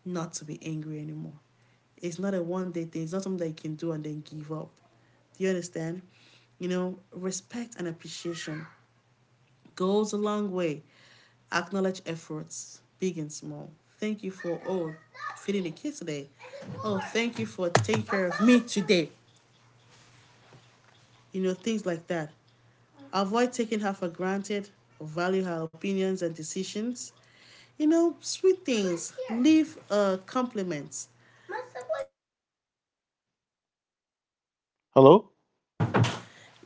Speaker 1: not to be angry anymore. It's not a one day thing, it's not something that you can do and then give up. Do you understand? You know, respect and appreciation goes a long way. Acknowledge efforts, big and small. Thank you for oh feeding the kids today. Oh, thank you for taking care of me today. You know, things like that. Avoid taking her for granted. Value her opinions and decisions. You know, sweet things. Leave compliments.
Speaker 2: Hello?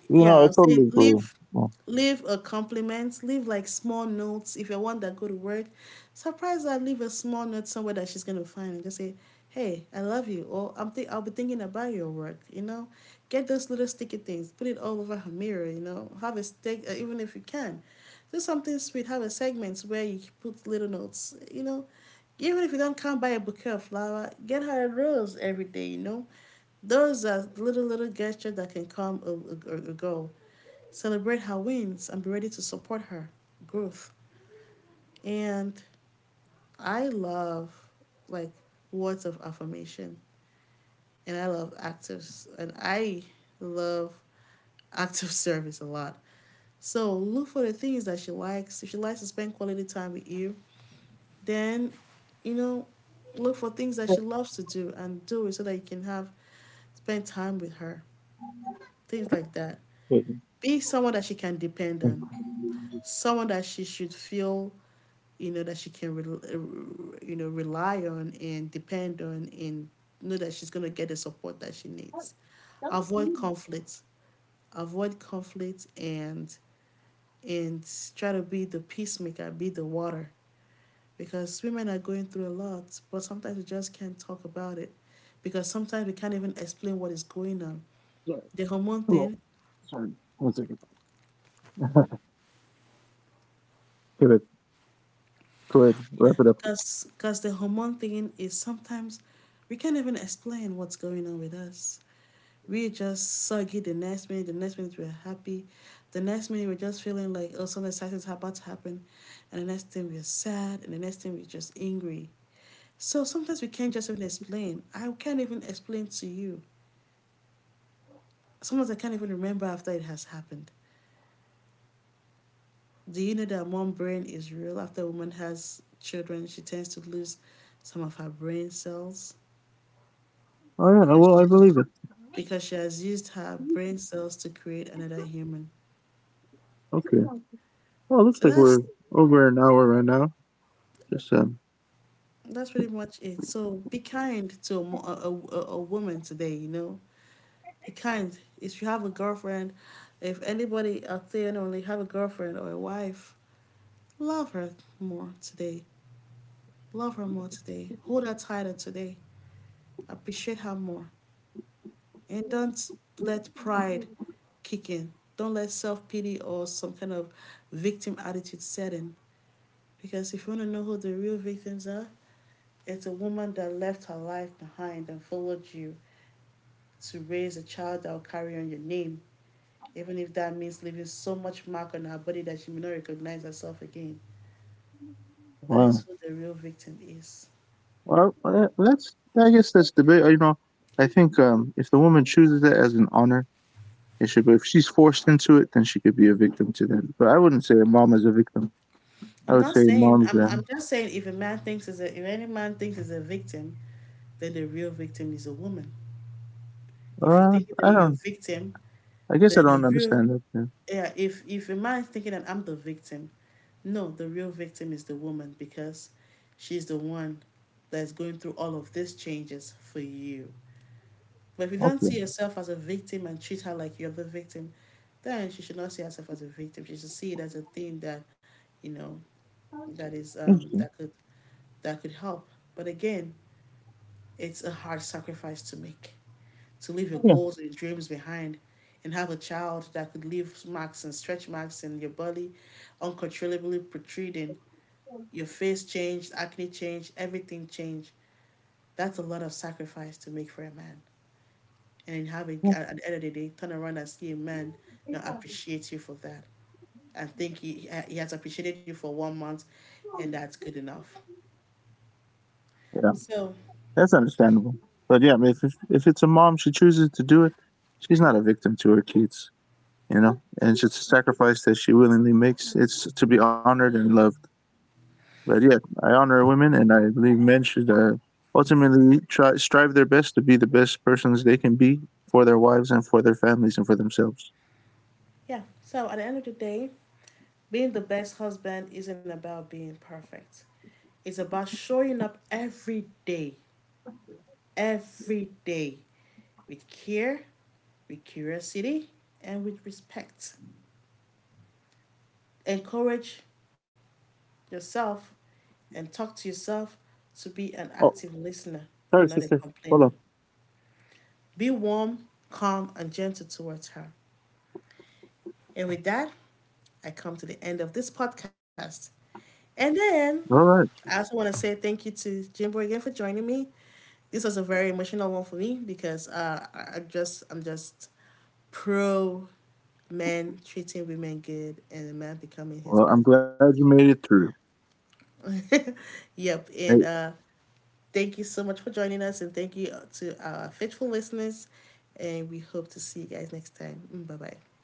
Speaker 2: You know, I
Speaker 1: Yeah, I'll say
Speaker 2: totally agree. Yeah.
Speaker 1: leave a compliment, leave like small notes. If you're one that go to work, surprise her, leave a small note somewhere that she's gonna find and just say, hey, I love you, or I'm think I'll be thinking about your work, you know? Get those little sticky things, put it all over her mirror, you know. Have a stick, even if you can. Do something sweet, have a segment where you put little notes, you know. Even if you don't come buy a bouquet of flower, get her a rose every day, you know, those are little, little gestures that can come or go. Celebrate her wins and be ready to support her growth. And I love, like, words of affirmation, and I love actors, and I love active service a lot. So look for the things that she likes. If she likes to spend quality time with you, then, you know, look for things that she loves to do and do it so that you can have spend time with her. Things like that.
Speaker 2: Wait,
Speaker 1: Be someone that she can depend
Speaker 2: wait,
Speaker 1: on, someone that she should feel, you know, that she can, you know, rely on and depend on and know that she's going to get the support that she needs. Avoid conflict. Avoid conflict and try to be the peacemaker, be the water. Because women are going through a lot, but sometimes we just can't talk about it. Because sometimes we can't even explain what is going on.
Speaker 2: sorry.
Speaker 1: The hormone
Speaker 2: Hello.
Speaker 1: thing,
Speaker 2: Sorry. One second. Give it. Go ahead. Wrap
Speaker 1: yeah,
Speaker 2: it up.
Speaker 1: because the hormone thing is sometimes we can't even explain what's going on with us. We're just soggy the next minute we're happy, the next minute we're just feeling like, oh, something exciting's about to happen, and the next thing we're sad, and the next thing we're just angry. So sometimes we can't just even explain. I can't even explain to you. Sometimes I can't even remember after it has happened. Do you know that mom brain is real? After a woman has children, she tends to lose some of her brain cells
Speaker 2: Oh yeah.
Speaker 1: because
Speaker 2: Well, I
Speaker 1: she,
Speaker 2: believe it.
Speaker 1: because she has used her brain cells to create another human.
Speaker 2: Okay. Well, it looks
Speaker 1: So
Speaker 2: like we're over an hour right now. Just
Speaker 1: that's pretty much it. So be kind to a woman today. Be kind. If you have a girlfriend, if anybody out there and only have a girlfriend or a wife, love her more today. Love her more today. Hold her tighter today. Appreciate her more. And don't let pride kick in. Don't let self pity or some kind of victim attitude set in. Because if you want to know who the real victims are, it's a woman that left her life behind and followed you to raise a child that will carry on your name, even if that means leaving so much mark on her body that she may not recognize herself again. That is
Speaker 2: well,
Speaker 1: who the real victim is.
Speaker 2: that's I guess that's debate. You know, I think if the woman chooses it as an honor, it should. But if she's forced into it, then she could be a victim to that. But I wouldn't say a mom is a victim. I
Speaker 1: I'm
Speaker 2: would say
Speaker 1: not saying,
Speaker 2: mom's
Speaker 1: I'm I'm just saying, if a man thinks is a if any man thinks is a victim, then the real victim is a woman. If you think
Speaker 2: I
Speaker 1: that you're a
Speaker 2: don't.
Speaker 1: victim,
Speaker 2: I guess I don't
Speaker 1: the real
Speaker 2: understand that. Then.
Speaker 1: yeah, if a man is thinking that I'm the victim, no, the real victim is the woman, because she's the one that's going through all of these changes for you. But if you don't
Speaker 2: Okay,
Speaker 1: see yourself as a victim and treat her like you're the victim, then she should not see herself as a victim. She should see it as a thing that, you know, that is
Speaker 2: interesting.
Speaker 1: that could help. But again, it's a hard sacrifice to make, to leave your
Speaker 2: Yeah,
Speaker 1: goals and dreams behind and have a child that could leave marks and stretch marks in your body, uncontrollably protruding. Your face changed, acne changed, everything changed. That's a lot of sacrifice to make for a man. And then have it, at the end of the day, turn around and see a man not appreciate you for that. And think he has appreciated you for one month and that's good enough.
Speaker 2: yeah,
Speaker 1: So,
Speaker 2: that's understandable. But yeah, I mean, if it's a mom, she chooses to do it. She's not a victim to her kids. You know, and it's a sacrifice that she willingly makes. It's to be honored and loved. But yeah, I honor women, and I believe men should ultimately try strive their best to be the best persons they can be for their wives and for their families and for themselves.
Speaker 1: yeah. So at the end of the day, being the best husband isn't about being perfect. It's about showing up every day, every day, with care, with curiosity, and with respect. Encourage yourself and talk to yourself to be an active
Speaker 2: Oh,
Speaker 1: listener and
Speaker 2: sorry,
Speaker 1: not a
Speaker 2: sister.
Speaker 1: complainer.
Speaker 2: Hold on.
Speaker 1: Be warm, calm, and gentle towards her. And with that, I come to the end of this podcast. And then
Speaker 2: All
Speaker 1: I
Speaker 2: right.
Speaker 1: also want to say thank you to Jimbo again for joining me. This was a very emotional one for me because I'm just pro men treating women good and a man becoming his best
Speaker 2: Well, I'm glad you made it through.
Speaker 1: version. Yep, and
Speaker 2: Hey,
Speaker 1: thank you so much for joining us, and thank you to our faithful listeners, and we hope to see you guys next time. Bye bye.